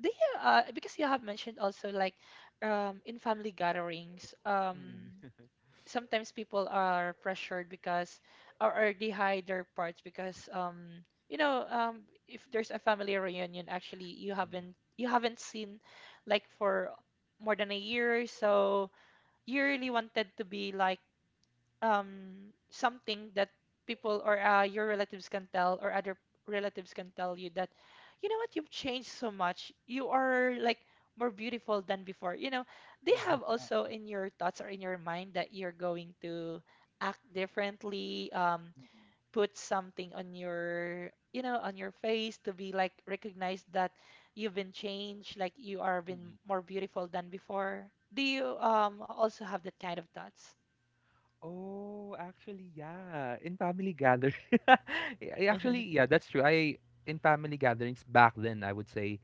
Speaker 1: do you uh because you have mentioned also like um in family gatherings, um
Speaker 2: Mm-mm.
Speaker 1: sometimes people are pressured because or, or they hide their parts because um you know, um if there's a family reunion, actually you
Speaker 2: Mm.
Speaker 1: haven't you haven't seen, like, for more than a year, so you really wanted to be like um something that people or, uh, your relatives can tell, or other relatives can tell you that, you know what, you've changed so much, you are like more beautiful than before, you know. They
Speaker 2: Yeah.
Speaker 1: have also in your thoughts or in your mind that you're going to act differently, um
Speaker 2: Mm-mm.
Speaker 1: put something on your, you know, on your face to be like recognized that you've been changed, like you are been
Speaker 2: Mm-mm.
Speaker 1: more beautiful than before. Do you um also have that kind of thoughts?
Speaker 2: Oh, actually, yeah. In family gathering, actually, yeah, that's true. I In family gatherings back then, I would say,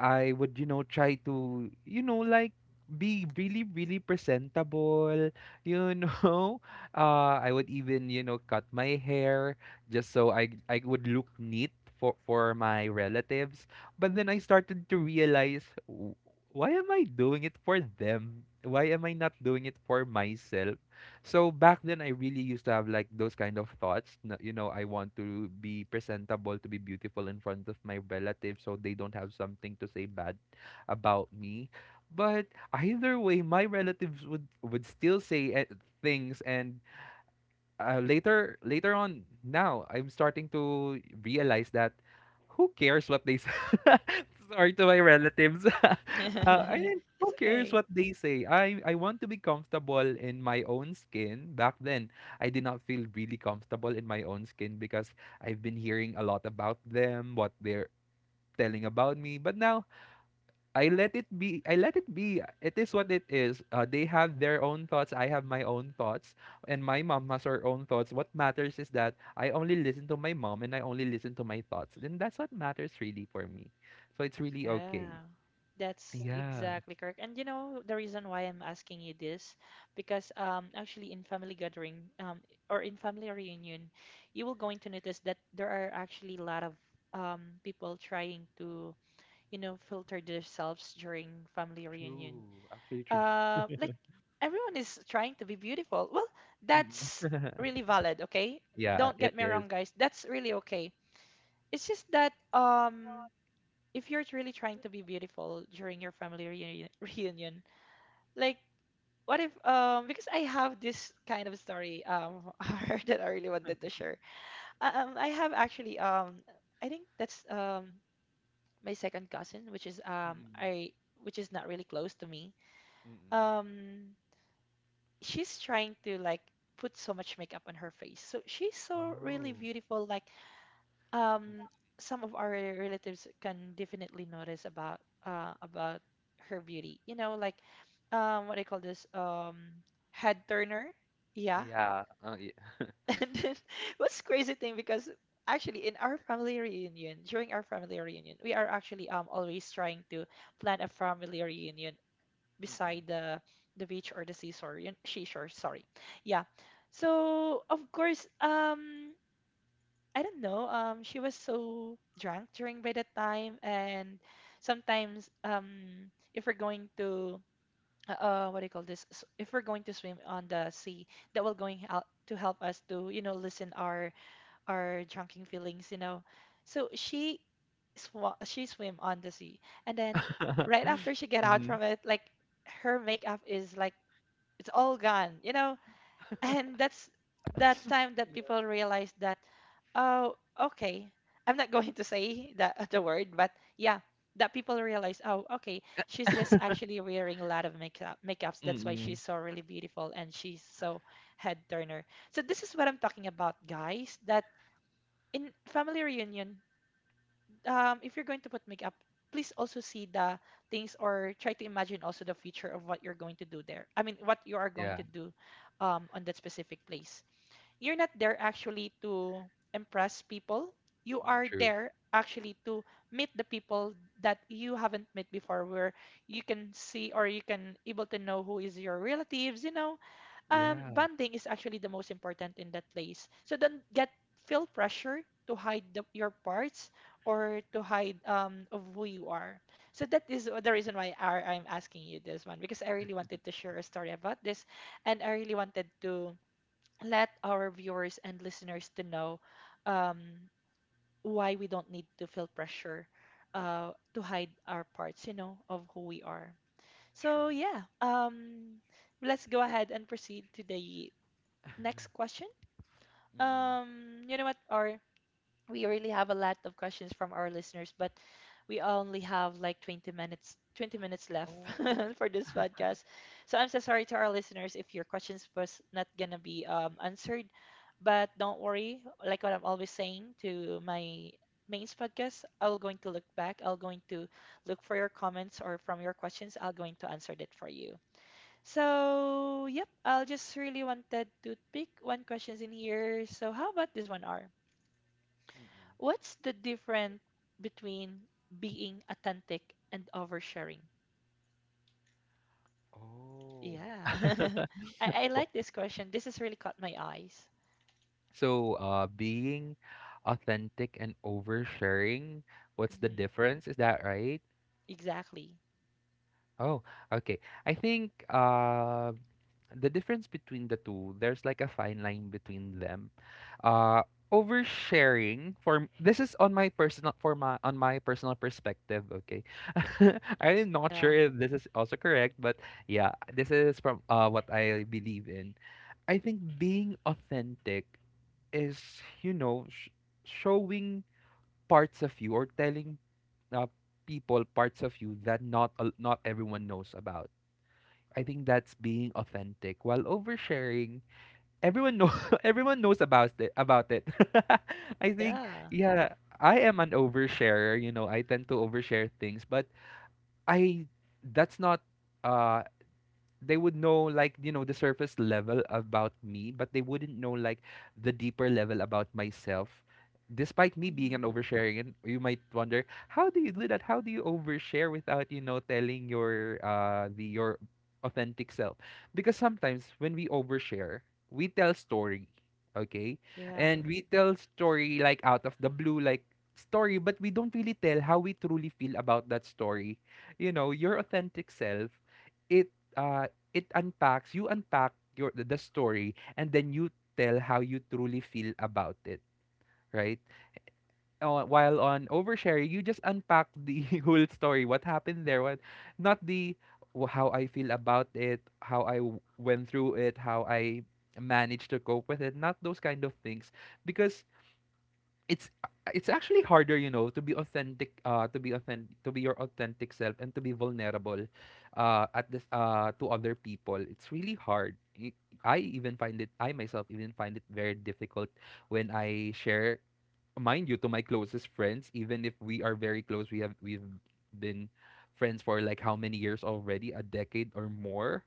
Speaker 2: I would, you know, try to, you know, like, be really, really presentable, you know. Uh, I would even, you know, cut my hair, just so I I would look neat for for my relatives. But then I started to realize, "W- why am I doing it for them? Why am I not doing it for myself?" So back then, I really used to have like those kind of thoughts. na- You know, I want to be presentable, to be beautiful in front of my relatives, so they don't have something to say bad about me. But either way, my relatives would would still say, eh, things, and uh, later later on, now I'm starting to realize that who cares what they say? Sorry to my relatives. uh, I mean,
Speaker 1: It's
Speaker 2: who cares
Speaker 1: okay.
Speaker 2: what they say? I I want to be comfortable in my own skin. Back then, I did not feel really comfortable in my own skin because I've been hearing a lot about them, what they're telling about me. But now, I let it be. I let it be. It is what it is. Uh, they have their own thoughts. I have my own thoughts. And my mom has her own thoughts. What matters is that I only listen to my mom, and I only listen to my thoughts. And that's what matters really for me. So it's really okay.
Speaker 1: Yeah, that's
Speaker 2: Yeah.
Speaker 1: exactly correct. And you know the reason why I'm asking you this, because um actually in family gathering, um or in family reunion, you will going to notice that there are actually a lot of um people trying to, you know, filter themselves during family reunion.
Speaker 2: True. Actually true.
Speaker 1: Uh, like everyone is trying to be beautiful. Well,
Speaker 2: Mm.
Speaker 1: that's really valid. Okay,
Speaker 2: Yeah,
Speaker 1: don't
Speaker 2: it
Speaker 1: get me
Speaker 2: is.
Speaker 1: wrong, guys. That's really okay. It's just that, um if you're really trying to be beautiful during your family reuni- reunion, like, what if um because I have this kind of story um that I really wanted to share. Uh, Um I have actually um I think that's um my second cousin, which is um
Speaker 2: Mm-mm.
Speaker 1: I which is not really close to me.
Speaker 2: Mm-mm.
Speaker 1: Um she's trying to like put so much makeup on her face. So she's so really
Speaker 2: Oh.
Speaker 1: beautiful, like,
Speaker 2: Mm,
Speaker 1: um some of our relatives can definitely notice about uh about her beauty, you know, like um what do you call this, um head turner, yeah.
Speaker 2: yeah. Uh, yeah.
Speaker 1: And then what's crazy thing, because actually in our family reunion, during our family reunion we are actually um always trying to plan a family reunion
Speaker 2: Mm-mm.
Speaker 1: beside the the beach, or the seashore you- seashore, sorry, yeah. So of course, um I don't know. Um, she was so drunk during by that time, and sometimes, um, if we're going to uh, uh, what do you call this? S- If we're going to swim on the sea, that will going out to help us to, you know, listen our our drunken feelings, you know. So she swa- she swim on the sea, and then right after she get out
Speaker 2: Mm-hmm.
Speaker 1: from it, like her makeup is like it's all gone, you know, and that's that time that
Speaker 2: Yeah.
Speaker 1: people realized that, oh okay, I'm not going to say the, the word, but yeah, that people realize, oh okay, she's just actually wearing a lot of makeup makeups, that's why
Speaker 2: Mm-mm.
Speaker 1: she's so really beautiful and she's so head turner. So this is what I'm talking about guys, that in family reunion, um, if you're going to put makeup, please also see the things or try to imagine also the future of what you're going to do there, I mean what you are going
Speaker 2: Yeah.
Speaker 1: to do um, on that specific place. You're not there actually to impress people. You
Speaker 2: Mm.
Speaker 1: are
Speaker 2: True.
Speaker 1: there actually to meet the people that you haven't met before, where you can see or you can able to know who is your relatives, you know. um
Speaker 2: Yeah.
Speaker 1: bonding is actually the most important in that place, so don't get feel pressure to hide the, your parts, or to hide um of who you are. So that is the reason why I, I'm asking you this one, because I really wanted to share a story about this, and I really wanted to let our viewers and listeners to know, um, why we don't need to feel pressure, uh, to hide our parts, you know, of who we are. So
Speaker 2: True.
Speaker 1: yeah, um, let's go ahead and proceed to the next question.
Speaker 2: Mm.
Speaker 1: Um, you know what, R? We really have a lot of questions from our listeners, but we only have like 20 minutes twenty minutes left
Speaker 2: Oo.
Speaker 1: for this podcast. So I'm so sorry to our listeners if your questions was not gonna be, um, answered, but don't worry. Like what I'm always saying to my mains podcast, I'll going to look back. I'll going to look for your comments or from your questions. I'll going to answer that for you. So yep, I'll just really wanted to pick one questions in here. So how about this one, R?
Speaker 2: Mm.
Speaker 1: What's the difference between being authentic and oversharing?
Speaker 2: Oh.
Speaker 1: Yeah. I, I like this question. This has really caught my eyes.
Speaker 2: So, uh, being authentic and oversharing, what's the
Speaker 1: Hmm.
Speaker 2: difference? Is that right?
Speaker 1: Exactly.
Speaker 2: Oh, okay. I think uh, the difference between the two, there's like a fine line between them. Uh, Oversharing, for m- this is on my personal, for my on my personal perspective. Okay, I'm not sure
Speaker 1: Yeah.
Speaker 2: if this is also correct, but yeah, this is from uh, what I believe in. I think being authentic is, you know sh- showing parts of you, or telling uh, people parts of you that not a- not everyone knows about. I think that's being authentic, while oversharing, everyone know, everyone knows about it about it. I think,
Speaker 1: Yeah.
Speaker 2: yeah, I am an oversharer. You know, I tend to overshare things, but I that's not, uh they would know like you know the surface level about me, but they wouldn't know like the deeper level about myself, despite me being
Speaker 1: Hmm.
Speaker 2: an oversharing. And you might wonder, how do you do that? How do you overshare without you know telling your uh the your authentic self? Because sometimes when we overshare, we tell story, okay,
Speaker 1: Yeah.
Speaker 2: and we tell story like out of the blue, like story, but we don't really tell how we truly feel about that story, you know your authentic self, it uh it unpacks, you unpack your, the the story, and then you tell how you truly feel about it, right? Uh, while on overshare, you just unpack the whole story, what happened there, what not the w- how I feel about it, how i w- went through it, how I managed to cope with it, not those kind of things. Because it's it's actually harder, you know to be authentic uh to be authentic to be your authentic self, and to be vulnerable, uh at this uh to other people. It's really hard. I I even find it I myself even find it very difficult when I share, mind you, to my closest friends. Even if we are very close, we have we've been friends for like how many years already? A decade or more.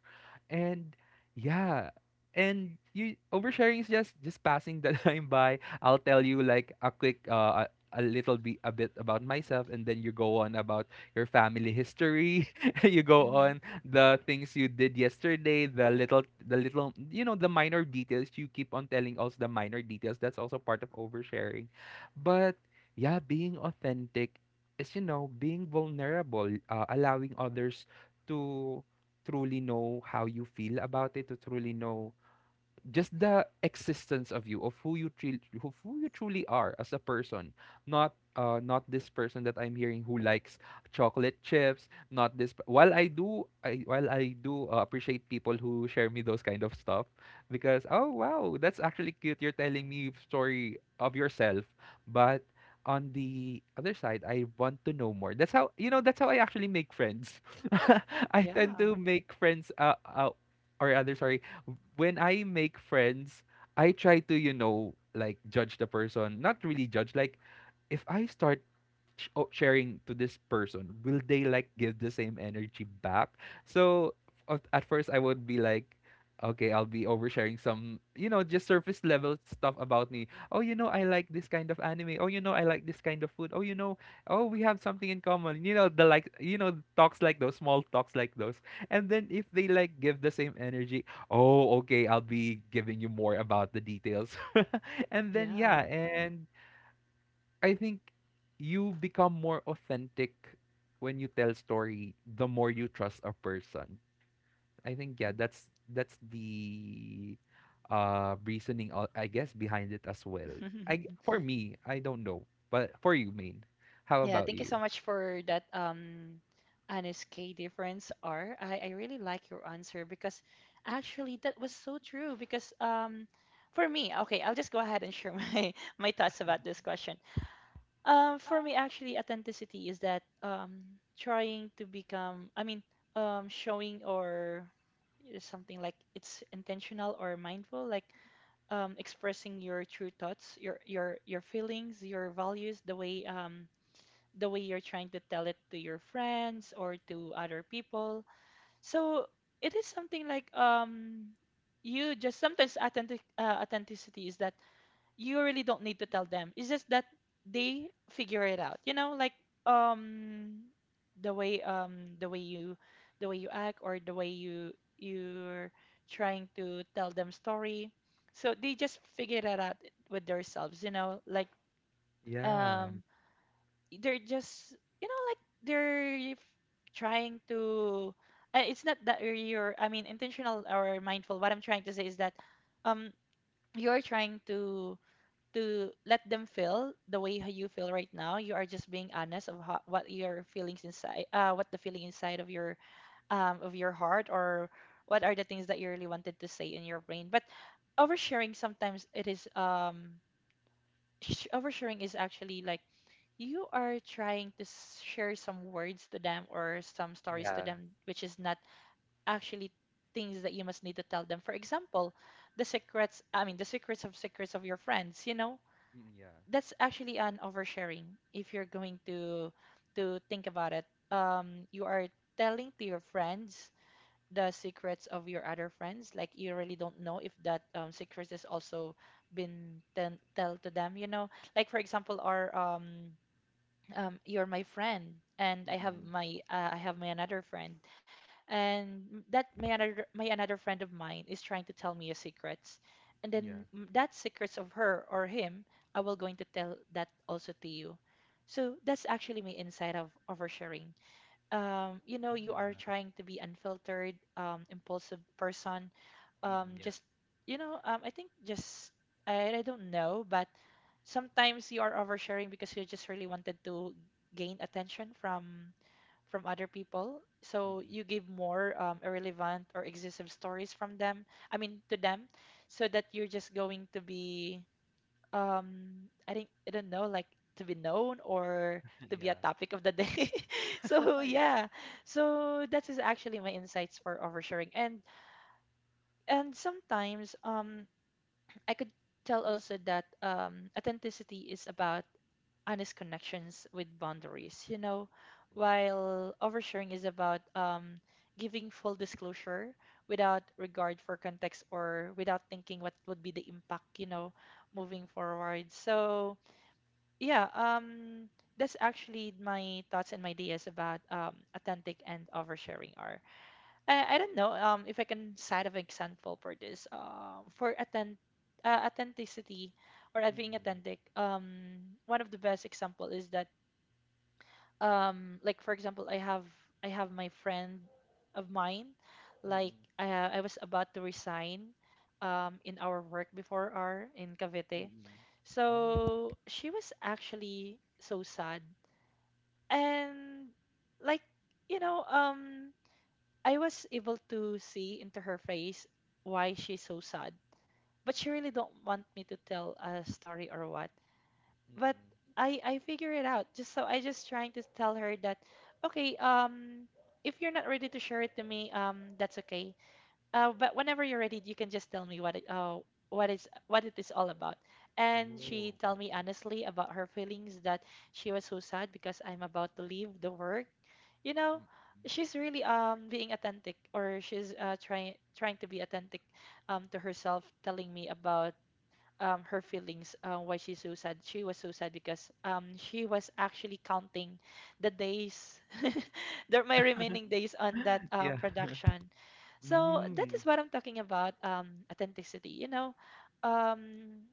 Speaker 2: And yeah. And you oversharing is just just passing the time by. I'll tell you like a quick uh a a little bit a bit about myself, and then you go on about your family history, you go
Speaker 1: Hmm.
Speaker 2: on the things you did yesterday, the little the little you know the minor details, you keep on telling us the minor
Speaker 1: Yeah.
Speaker 2: details. That's also part of oversharing. But yeah, being authentic is, you know, being vulnerable, uh, allowing others to truly know how you feel about it, to truly know just the existence of you, of who you truly of who you truly are as a person, not uh not this person that I'm hearing who likes chocolate chips. Not this p- While I do I while I do uh, appreciate people who share me those kind of stuff, because oh wow, that's actually cute, you're telling me story of yourself, but on the other side, I want to know more. That's how you know that's how I actually make friends. I tend
Speaker 1: Yeah.
Speaker 2: to make friends, uh, uh or other, sorry, when I make friends, I try to, you know, like judge the person. Not really judge. Like, if I start sh- o- sharing to this person, will they like give the same energy back? So f- at first I would be like, okay, I'll be oversharing some, you know, just surface level stuff about me. Oh, you know, I like this kind of anime. Oh, you know, I like this kind of food. Oh, you know, oh, we have something in common, you know, the like you know talks like those, small talks like those. And then if they like give the same energy, oh, okay, I'll be giving you more about the details. And then
Speaker 1: Yeah.
Speaker 2: yeah. And I think you become more authentic when you tell story, the more you trust a person. I think yeah, that's that's the uh reasoning, uh, I guess, behind it as well. I g- for me, I don't know, but for you, main. How
Speaker 1: Yeah,
Speaker 2: about
Speaker 1: thank you
Speaker 2: you?
Speaker 1: so much for that um honest K difference R. I, I really like your answer because actually that was so true because um for me, okay, I'll just go ahead and share my my thoughts about this question. Um for me actually authenticity is that um trying to become I mean um showing or is something like it's intentional or mindful like um expressing your true thoughts your your your feelings your values the way um the way you're trying to tell it to your friends or to other people. So it is something like um you just sometimes authentic uh, authenticity is that you really don't need to tell them. It's just that they figure it out. You know, like um the way um the way you the way you act or the way you you're trying to tell them story. So they just figure that out with themselves, you know, like
Speaker 2: Yeah.
Speaker 1: um they're just you know like they're trying to uh, it's not that you're i mean intentional or mindful. What I'm trying to say is that um you're trying to to let them feel the way how you feel right now. You are just being honest of how, what your feelings inside uh what the feeling inside of your um of your heart or what are the things that you really wanted to say in your brain, but oversharing sometimes it is um sh- oversharing is actually like you are trying to s- share some words to them or some stories to
Speaker 2: Yeah.
Speaker 1: them, which is not actually things that you must need to tell them. For example, the secrets, I mean, the secrets of secrets of your friends, you know,
Speaker 2: Mm, yeah.
Speaker 1: that's actually an oversharing if you're going to to think about it. Um, you are telling to your friends the secrets of your other friends, like you really don't know if that um, secret is also been ten- tell to them, you know. Like for example, our um um, you're my friend and i have
Speaker 2: Mm-mm.
Speaker 1: my uh, i have my another friend and m- that my another my another friend of mine is trying to tell me a secrets, and then
Speaker 2: Yeah.
Speaker 1: m- that secrets of her or him i will going to tell that also to you. So that's actually my insight of oversharing. Um, you know, you are
Speaker 2: Yeah.
Speaker 1: trying to be unfiltered, um, impulsive person,
Speaker 2: Mm-mm.
Speaker 1: um
Speaker 2: Yeah.
Speaker 1: just you know um i think just I, I don't know, but sometimes you are oversharing because you just really wanted to gain attention from from other people, so
Speaker 2: Mm-mm.
Speaker 1: you give more um, irrelevant or excessive stories from them, I mean to them, so that you're just going to be um i think I don't know, like to be known or to be a
Speaker 2: Yeah.
Speaker 1: topic of the day. So
Speaker 2: Yeah.
Speaker 1: yeah, so that is actually my insights for oversharing. and and sometimes um I could tell also that um, authenticity is about honest connections with boundaries. You know,
Speaker 2: Mm.
Speaker 1: while oversharing is about um, giving full disclosure without regard for context or without thinking what would be the impact, you know, moving forward. So, yeah, um, that's actually my thoughts and my ideas about um, authentic and oversharing are. I, I don't know um if I can cite an example for this um for attend uh, authenticity or uh, being
Speaker 2: Mm-mm.
Speaker 1: authentic. Um one of the best example is that um like for example I have I have my friend of mine. Like
Speaker 2: Mm-mm.
Speaker 1: I ha- I was about to resign um in our work before our in Cavite,
Speaker 2: Mm-mm. Oh.
Speaker 1: so she was actually so sad. And like you know um I was able to see into her face why she's so sad. But she really don't want me to tell a story or what. But
Speaker 2: Mm-mm.
Speaker 1: I I figure it out. Just so I just trying to tell her that, okay, um if you're not ready to share it to me, um that's okay. Uh, but whenever you're ready, you can just tell me what it, uh, what is what it is all about. And she
Speaker 2: Oh.
Speaker 1: tell me honestly about her feelings that she was so sad because I'm about to leave the work. You know,
Speaker 2: Mm-mm.
Speaker 1: she's really um being authentic, or she's uh, trying trying to be authentic um to herself, telling me about um, her feelings, uh, why she's so sad. She was so sad because um, she was actually counting the days, the, my remaining days on that um,
Speaker 2: Yeah.
Speaker 1: production. So that
Speaker 2: Mm.
Speaker 1: is what I'm talking about, um, authenticity. You know, um,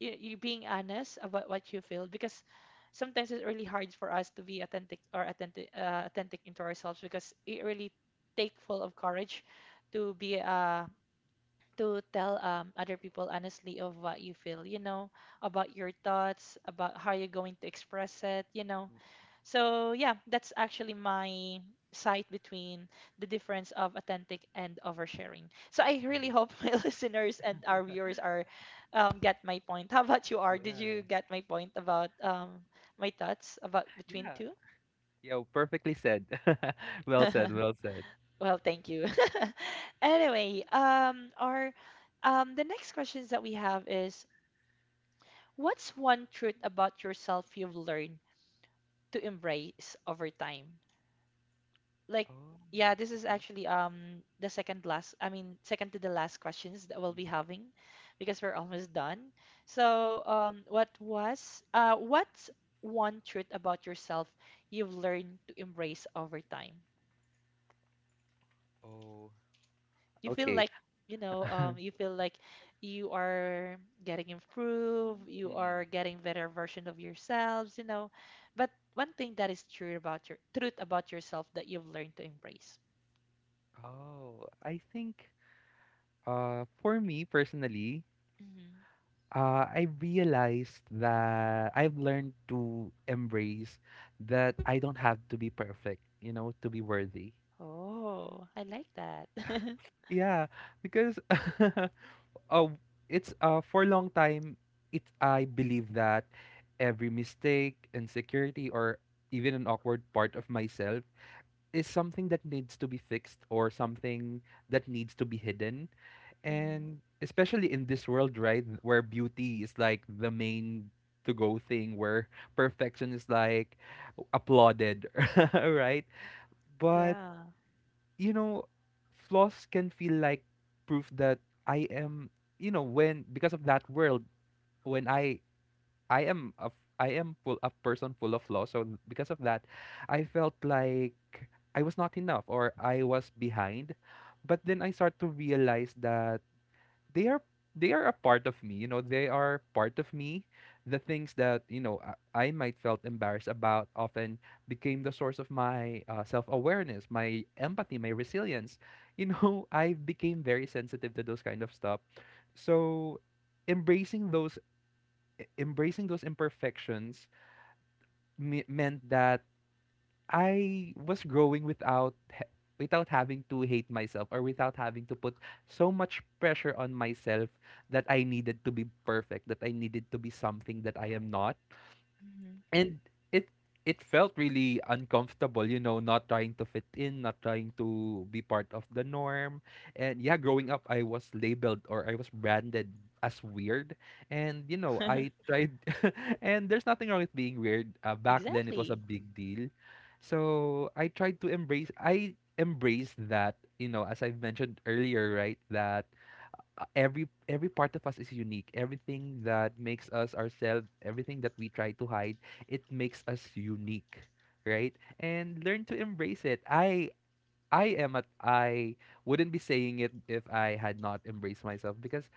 Speaker 1: you, you being honest about what you feel because sometimes it's really hard for us to be authentic or authentic, uh, authentic into ourselves because it really take full of courage to be uh, to tell um, other people honestly of what you feel, you know, about your thoughts, about how you're going to express it, you know.
Speaker 2: Mm.
Speaker 1: So, yeah, that's actually my sight between the difference of authentic and oversharing. So, I
Speaker 2: Oh,
Speaker 1: really hope my listeners and our viewers are um, get my point. How about you are? Did you
Speaker 2: yeah.
Speaker 1: get my point about um, my thoughts about between
Speaker 2: Yeah.
Speaker 1: two?
Speaker 2: Yeah, well, perfectly said. Well said, well said.
Speaker 1: Well, thank you. Anyway, um, our um, the next questions that we have is: what's one truth about yourself you've learned to embrace over time? Like,
Speaker 2: Oh.
Speaker 1: yeah, this is
Speaker 2: Mhm,
Speaker 1: actually um the second last, I mean, second to the last questions that we'll be
Speaker 2: mhm.
Speaker 1: having because we're almost done. So, um, what was uh what's one truth about yourself you've learned to embrace over time?
Speaker 2: Oh,
Speaker 1: You feel
Speaker 2: okay.
Speaker 1: like you know um you feel like you are getting improved, you are
Speaker 2: Mm-mm.
Speaker 1: getting better version of yourselves, you know, but one thing that is true about your truth about yourself that you've learned to embrace.
Speaker 2: Oh, I think uh for me personally,
Speaker 1: Hmm.
Speaker 2: uh I realized that I've learned to embrace that I don't have to be perfect, you know, to be worthy.
Speaker 1: Oh, I like that.
Speaker 2: Yeah, because oh, it's uh for a long time it I believe that every mistake, insecurity, or even an awkward part of myself is something that needs to be fixed or something that needs to be hidden.
Speaker 1: Hmm.
Speaker 2: And especially in this world, right, where beauty is like the main to go thing, where perfection is like applauded, right? But
Speaker 1: Yeah.
Speaker 2: you know, flaws can feel like proof that I am, you know, when because of that world, when I I am a f- I am full, a person full of flaws. So because of that, I felt like I was not enough, or I was behind. But then I start to realize that they are they are a part of me, you know, they are part of me. The things that, you know, i, I might felt embarrassed about often became the source of my uh, self-awareness, my empathy, my resilience. You know, I became very sensitive to those kind of stuff. So embracing those, e- embracing those imperfections me- meant that I was growing without ha- without having to hate myself, or without having to put so much pressure on myself that I needed to be perfect, that I needed to be something that I am not.
Speaker 1: Hmm.
Speaker 2: And it it felt really uncomfortable, you know, not trying to fit in, not trying to be part of the norm. And yeah, growing up I was labeled, or I was branded as weird. And you know, I tried, and there's nothing wrong with being weird. Uh, back then it was
Speaker 1: Exactly.
Speaker 2: a big deal. So I tried to embrace, I embraced that, you know, as I've mentioned earlier, right, that uh, every every part of us is unique. Everything that makes us ourselves, everything that we try to hide, it makes us unique, right? And learn to embrace it. I I am at I wouldn't be saying it if I had not embraced myself, because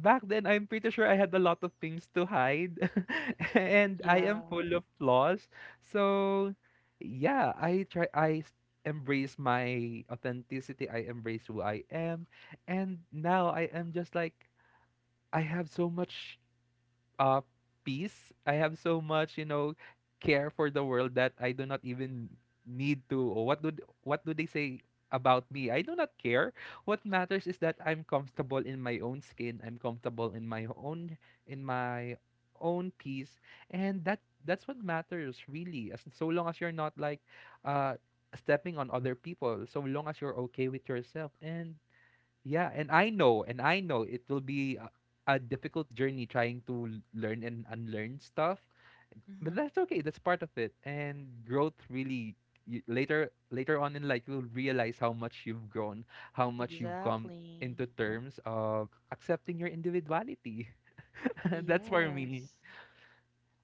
Speaker 2: back then, I'm pretty sure I had a lot of things to hide, and I am
Speaker 1: Yeah.
Speaker 2: full of flaws. So, yeah, I try. I s- embrace my authenticity. I embrace who I am, and now I am just like, I have so much uh peace. I have so much, you know, care for the world that I do not even need to, or what do what do they say about me? I do not care. What matters is that I'm comfortable in my own skin. I'm comfortable in my own, in my own peace. And that, that's what matters, really. As so long as you're not like uh stepping on other people, so long as you're okay with yourself. And yeah, and I know, and I know it will be a, a difficult journey, trying to l- learn and unlearn stuff, but
Speaker 1: Hmm.
Speaker 2: that's okay. That's part of it. And growth, really, you, later later on in life, you'll realize how much you've grown, how much you've come
Speaker 1: Exactly.
Speaker 2: into terms of accepting your individuality. That's for
Speaker 1: Yes.
Speaker 2: me.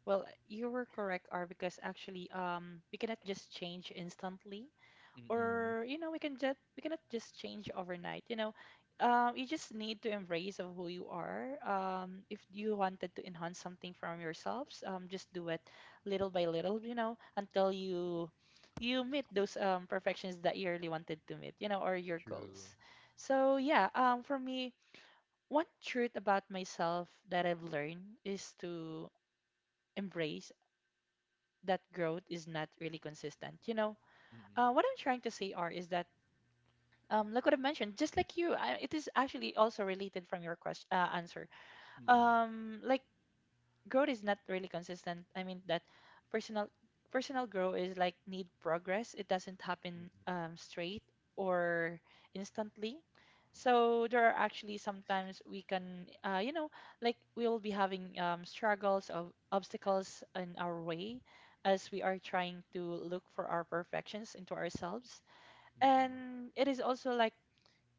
Speaker 1: Well, you were correct, R, because actually, um, we cannot just change instantly.
Speaker 2: Mm-mm.
Speaker 1: Or you know we can just we cannot just change overnight, you know, um, you just need to embrace of who you are. Um, if you wanted to enhance something from yourselves, um, just do it little by little, you know, until you you meet those um, perfections that you really wanted to meet, you know, or your
Speaker 2: True.
Speaker 1: goals. So yeah, um, for me one truth about myself that I've learned is to embrace that growth is not really consistent, you know. Uh, what
Speaker 2: Mm-mm.
Speaker 1: I'm trying to say are is that um, like what I've mentioned, just like you, I, it is actually also related from your question uh, answer.
Speaker 2: Mm-mm.
Speaker 1: Um, like growth is not really consistent. I mean that personal personal growth is like need progress. It doesn't happen
Speaker 2: Mm-mm.
Speaker 1: um, straight or instantly. So there are actually sometimes we can, uh, you know, like we will be having um, struggles of obstacles in our way as we are trying to look for our perfections into ourselves.
Speaker 2: Mm-mm.
Speaker 1: And it is also like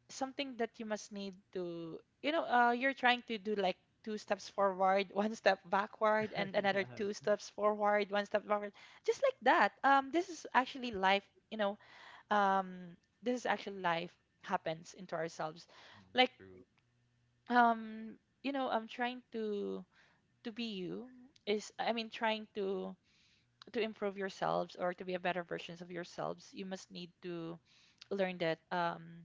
Speaker 1: something that you must need to you know uh, you're trying to do like two steps forward one step backward and another two steps forward one step backward. Just like that, um this is actually life, you know. um this is actually life happens into ourselves,
Speaker 2: Mm-mm.
Speaker 1: like
Speaker 2: True.
Speaker 1: um you know i'm trying to to be you is i mean trying to to improve yourselves or to be a better versions of yourselves. You must need to learn that um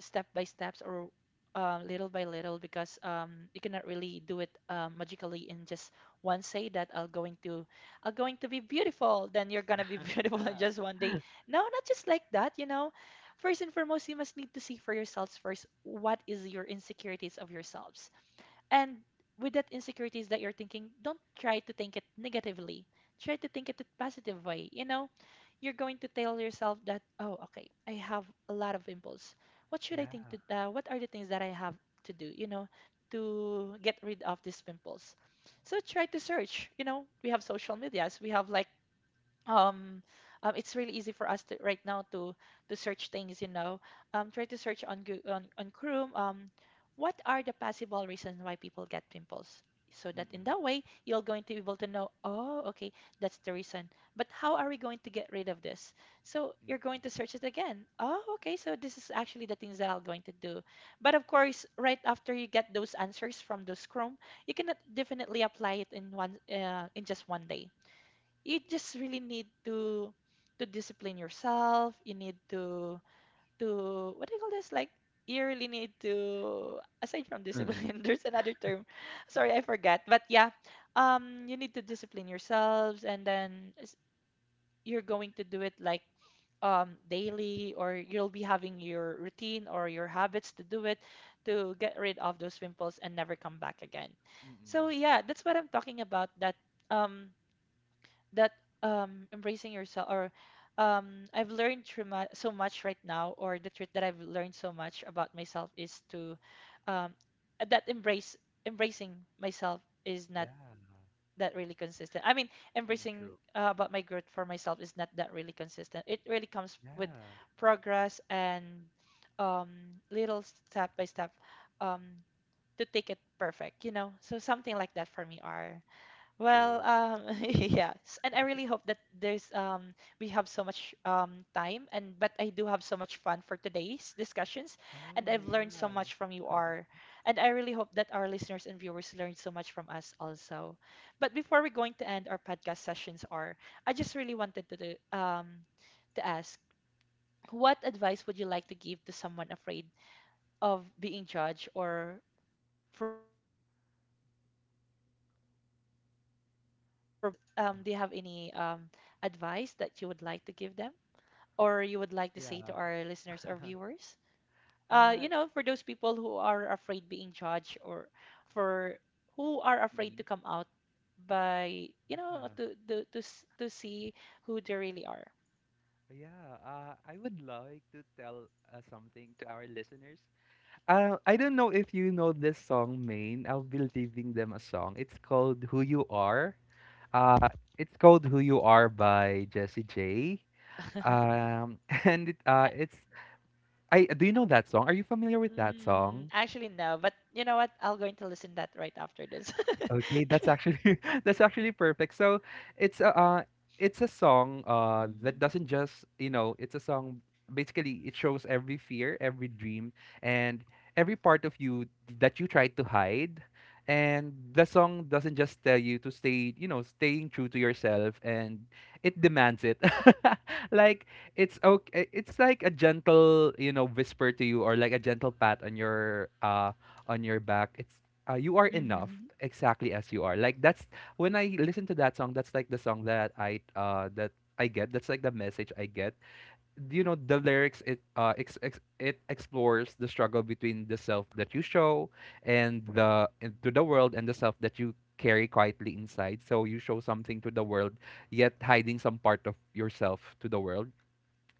Speaker 1: step by steps or um, little by little, because um, you cannot really do it um, magically in just one say that I'm going to I'm going to be beautiful then you're gonna be beautiful in just one day. No, not just like that, you know. First and foremost, you must need to see for yourselves first what is your insecurities of yourselves. And with that insecurities that you're thinking, don't try to think it negatively. Try to think it in a positive way. You know, you're going to tell yourself that, oh, okay, I have a lot of impulse. What should
Speaker 2: Yeah.
Speaker 1: I think to? Uh, what are the things that I have to do? You know, to get rid of these pimples. So try to search. You know, we have social medias. We have like um, um, it's really easy for us to right now to to search things you know um, Try to search on Goo- on, on chrome, um, what are the possible reasons why people get pimples, so that in that
Speaker 2: Mm-mm.
Speaker 1: way you're going to be able to know, oh, okay, that's the reason. But how are we going to get rid of this? So you're going to search it again. Oh, okay, so this is actually the things that I'm going to do. But of course, right after you get those answers from those chrome, you cannot definitely apply it in one uh, in just one day. You just really need to to discipline yourself. You need to to what do you call this, like, you really need to, aside from
Speaker 2: Mm-mm. Mm-mm.
Speaker 1: discipline, there's another term. Sorry, I forgot, but yeah, um you need to discipline yourselves, and then s- you're going to do it like, um daily, or you'll be having your routine or your habits to do it, to get rid of those pimples and never come back again.
Speaker 2: Mm-mm.
Speaker 1: So yeah, that's what I'm talking about, that um that um embracing yourself, or um I've learned through mu so much right now, or the truth that I've learned so much about myself is to um that embrace embracing myself is not
Speaker 2: Yeah.
Speaker 1: that really consistent. I mean,
Speaker 2: Mm,
Speaker 1: embracing
Speaker 2: true.
Speaker 1: uh, about my growth for myself is not that really consistent. It really comes with
Speaker 2: Yeah.
Speaker 1: progress and um little step by step, um to take it perfect, you know. So something like that for me are, well,
Speaker 2: True.
Speaker 1: um, yes, and I really hope that there's um we have so much um time, and but I do have so much fun for today's discussions, and I've
Speaker 2: Oh,
Speaker 1: learned so
Speaker 2: yeah.
Speaker 1: much from you, R, and I really hope that our listeners and viewers learned so much from us also. But before we're going to end our podcast sessions, R, I just really wanted to do, um to ask, what advice would you like to give to someone afraid of being judged or for being real? Yes. Um, do you have any um, advice that you would like to give them, or you would like to say to
Speaker 2: Yeah.
Speaker 1: our listeners or viewers? Uh,
Speaker 2: Uh,
Speaker 1: you know, for those people who are afraid being judged or for who are afraid to
Speaker 2: mhm.
Speaker 1: come out by, you know,
Speaker 2: Yeah,
Speaker 1: to to to, s- to see who they really are.
Speaker 2: yeah. Uh, I would like to tell uh, something to our listeners. Uh, I don't know if you know this song, Main. I'll be leaving them a song. It's called "Who You Are." Uh, it's called "Who You Are" by Jessie J. Um, and it, uh,
Speaker 1: I-
Speaker 2: it's I. Do you know that song? Are you familiar with that
Speaker 1: Mm,
Speaker 2: song?
Speaker 1: actually, no, but you know what? I will going to listen that right after this.
Speaker 2: Okay, that's actually that's actually perfect. So it's a uh, it's a song uh that
Speaker 1: Mhm.
Speaker 2: doesn't just, you know, it's a song basically, it shows every fear, every dream, and every part of you that you try to hide. And the song doesn't just tell you to stay, you know, staying true to yourself, and it demands it. Like, it's
Speaker 1: Yeah.
Speaker 2: okay, it's like a gentle, you know, whisper to you, or like a gentle pat on your uh on your back. It's uh, you are enough
Speaker 1: Mm-hmm.
Speaker 2: exactly as you are. Like, that's when I listen to that song, that's like the song that i uh that I get, that's like the message I get. You know, the lyrics, it uh ex- ex- it explores the struggle between the self that you show and the and to the world, and the self that you carry quietly inside. So you show something to the world, yet hiding some part of yourself to the world.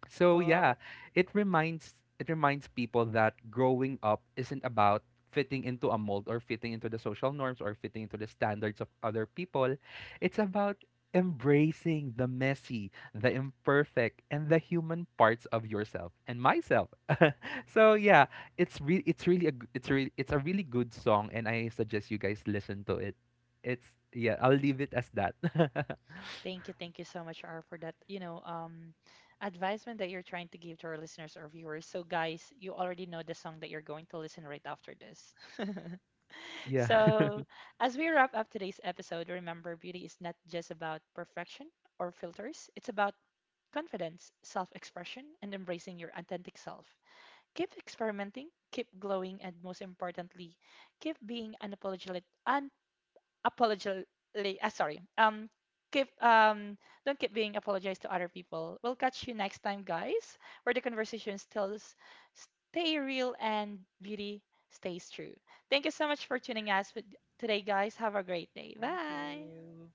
Speaker 2: So yeah,
Speaker 1: Wow.
Speaker 2: it reminds it reminds people that growing up isn't about fitting into a mold, or fitting into the social norms, or fitting into the standards of other people. It's about embracing the messy, the imperfect, and the human parts of yourself and myself. So yeah, it's re- it's really a g- it's really it's a really good song, and I suggest you guys listen to it. It's, yeah, I'll leave it as that.
Speaker 1: Thank you, thank you so much, R, for that. You know, um, advisement that you're trying to give to our listeners or viewers. So, guys, you already know the song that you're going to listen right after this.
Speaker 2: Yeah.
Speaker 1: So, as we wrap up today's episode, remember, beauty is not just about perfection or filters. It's about confidence, self-expression, and embracing your authentic self. Keep experimenting, keep glowing, and most importantly, keep being unapologetic, apologize. Uh, sorry. Um, keep, um, don't keep being apologized to other people. We'll catch you next time, guys, where the conversation still s- stay real and beauty stays true. Thank you so much for tuning us with today, guys. Have a great day.
Speaker 2: Thank
Speaker 1: Bye.
Speaker 2: you.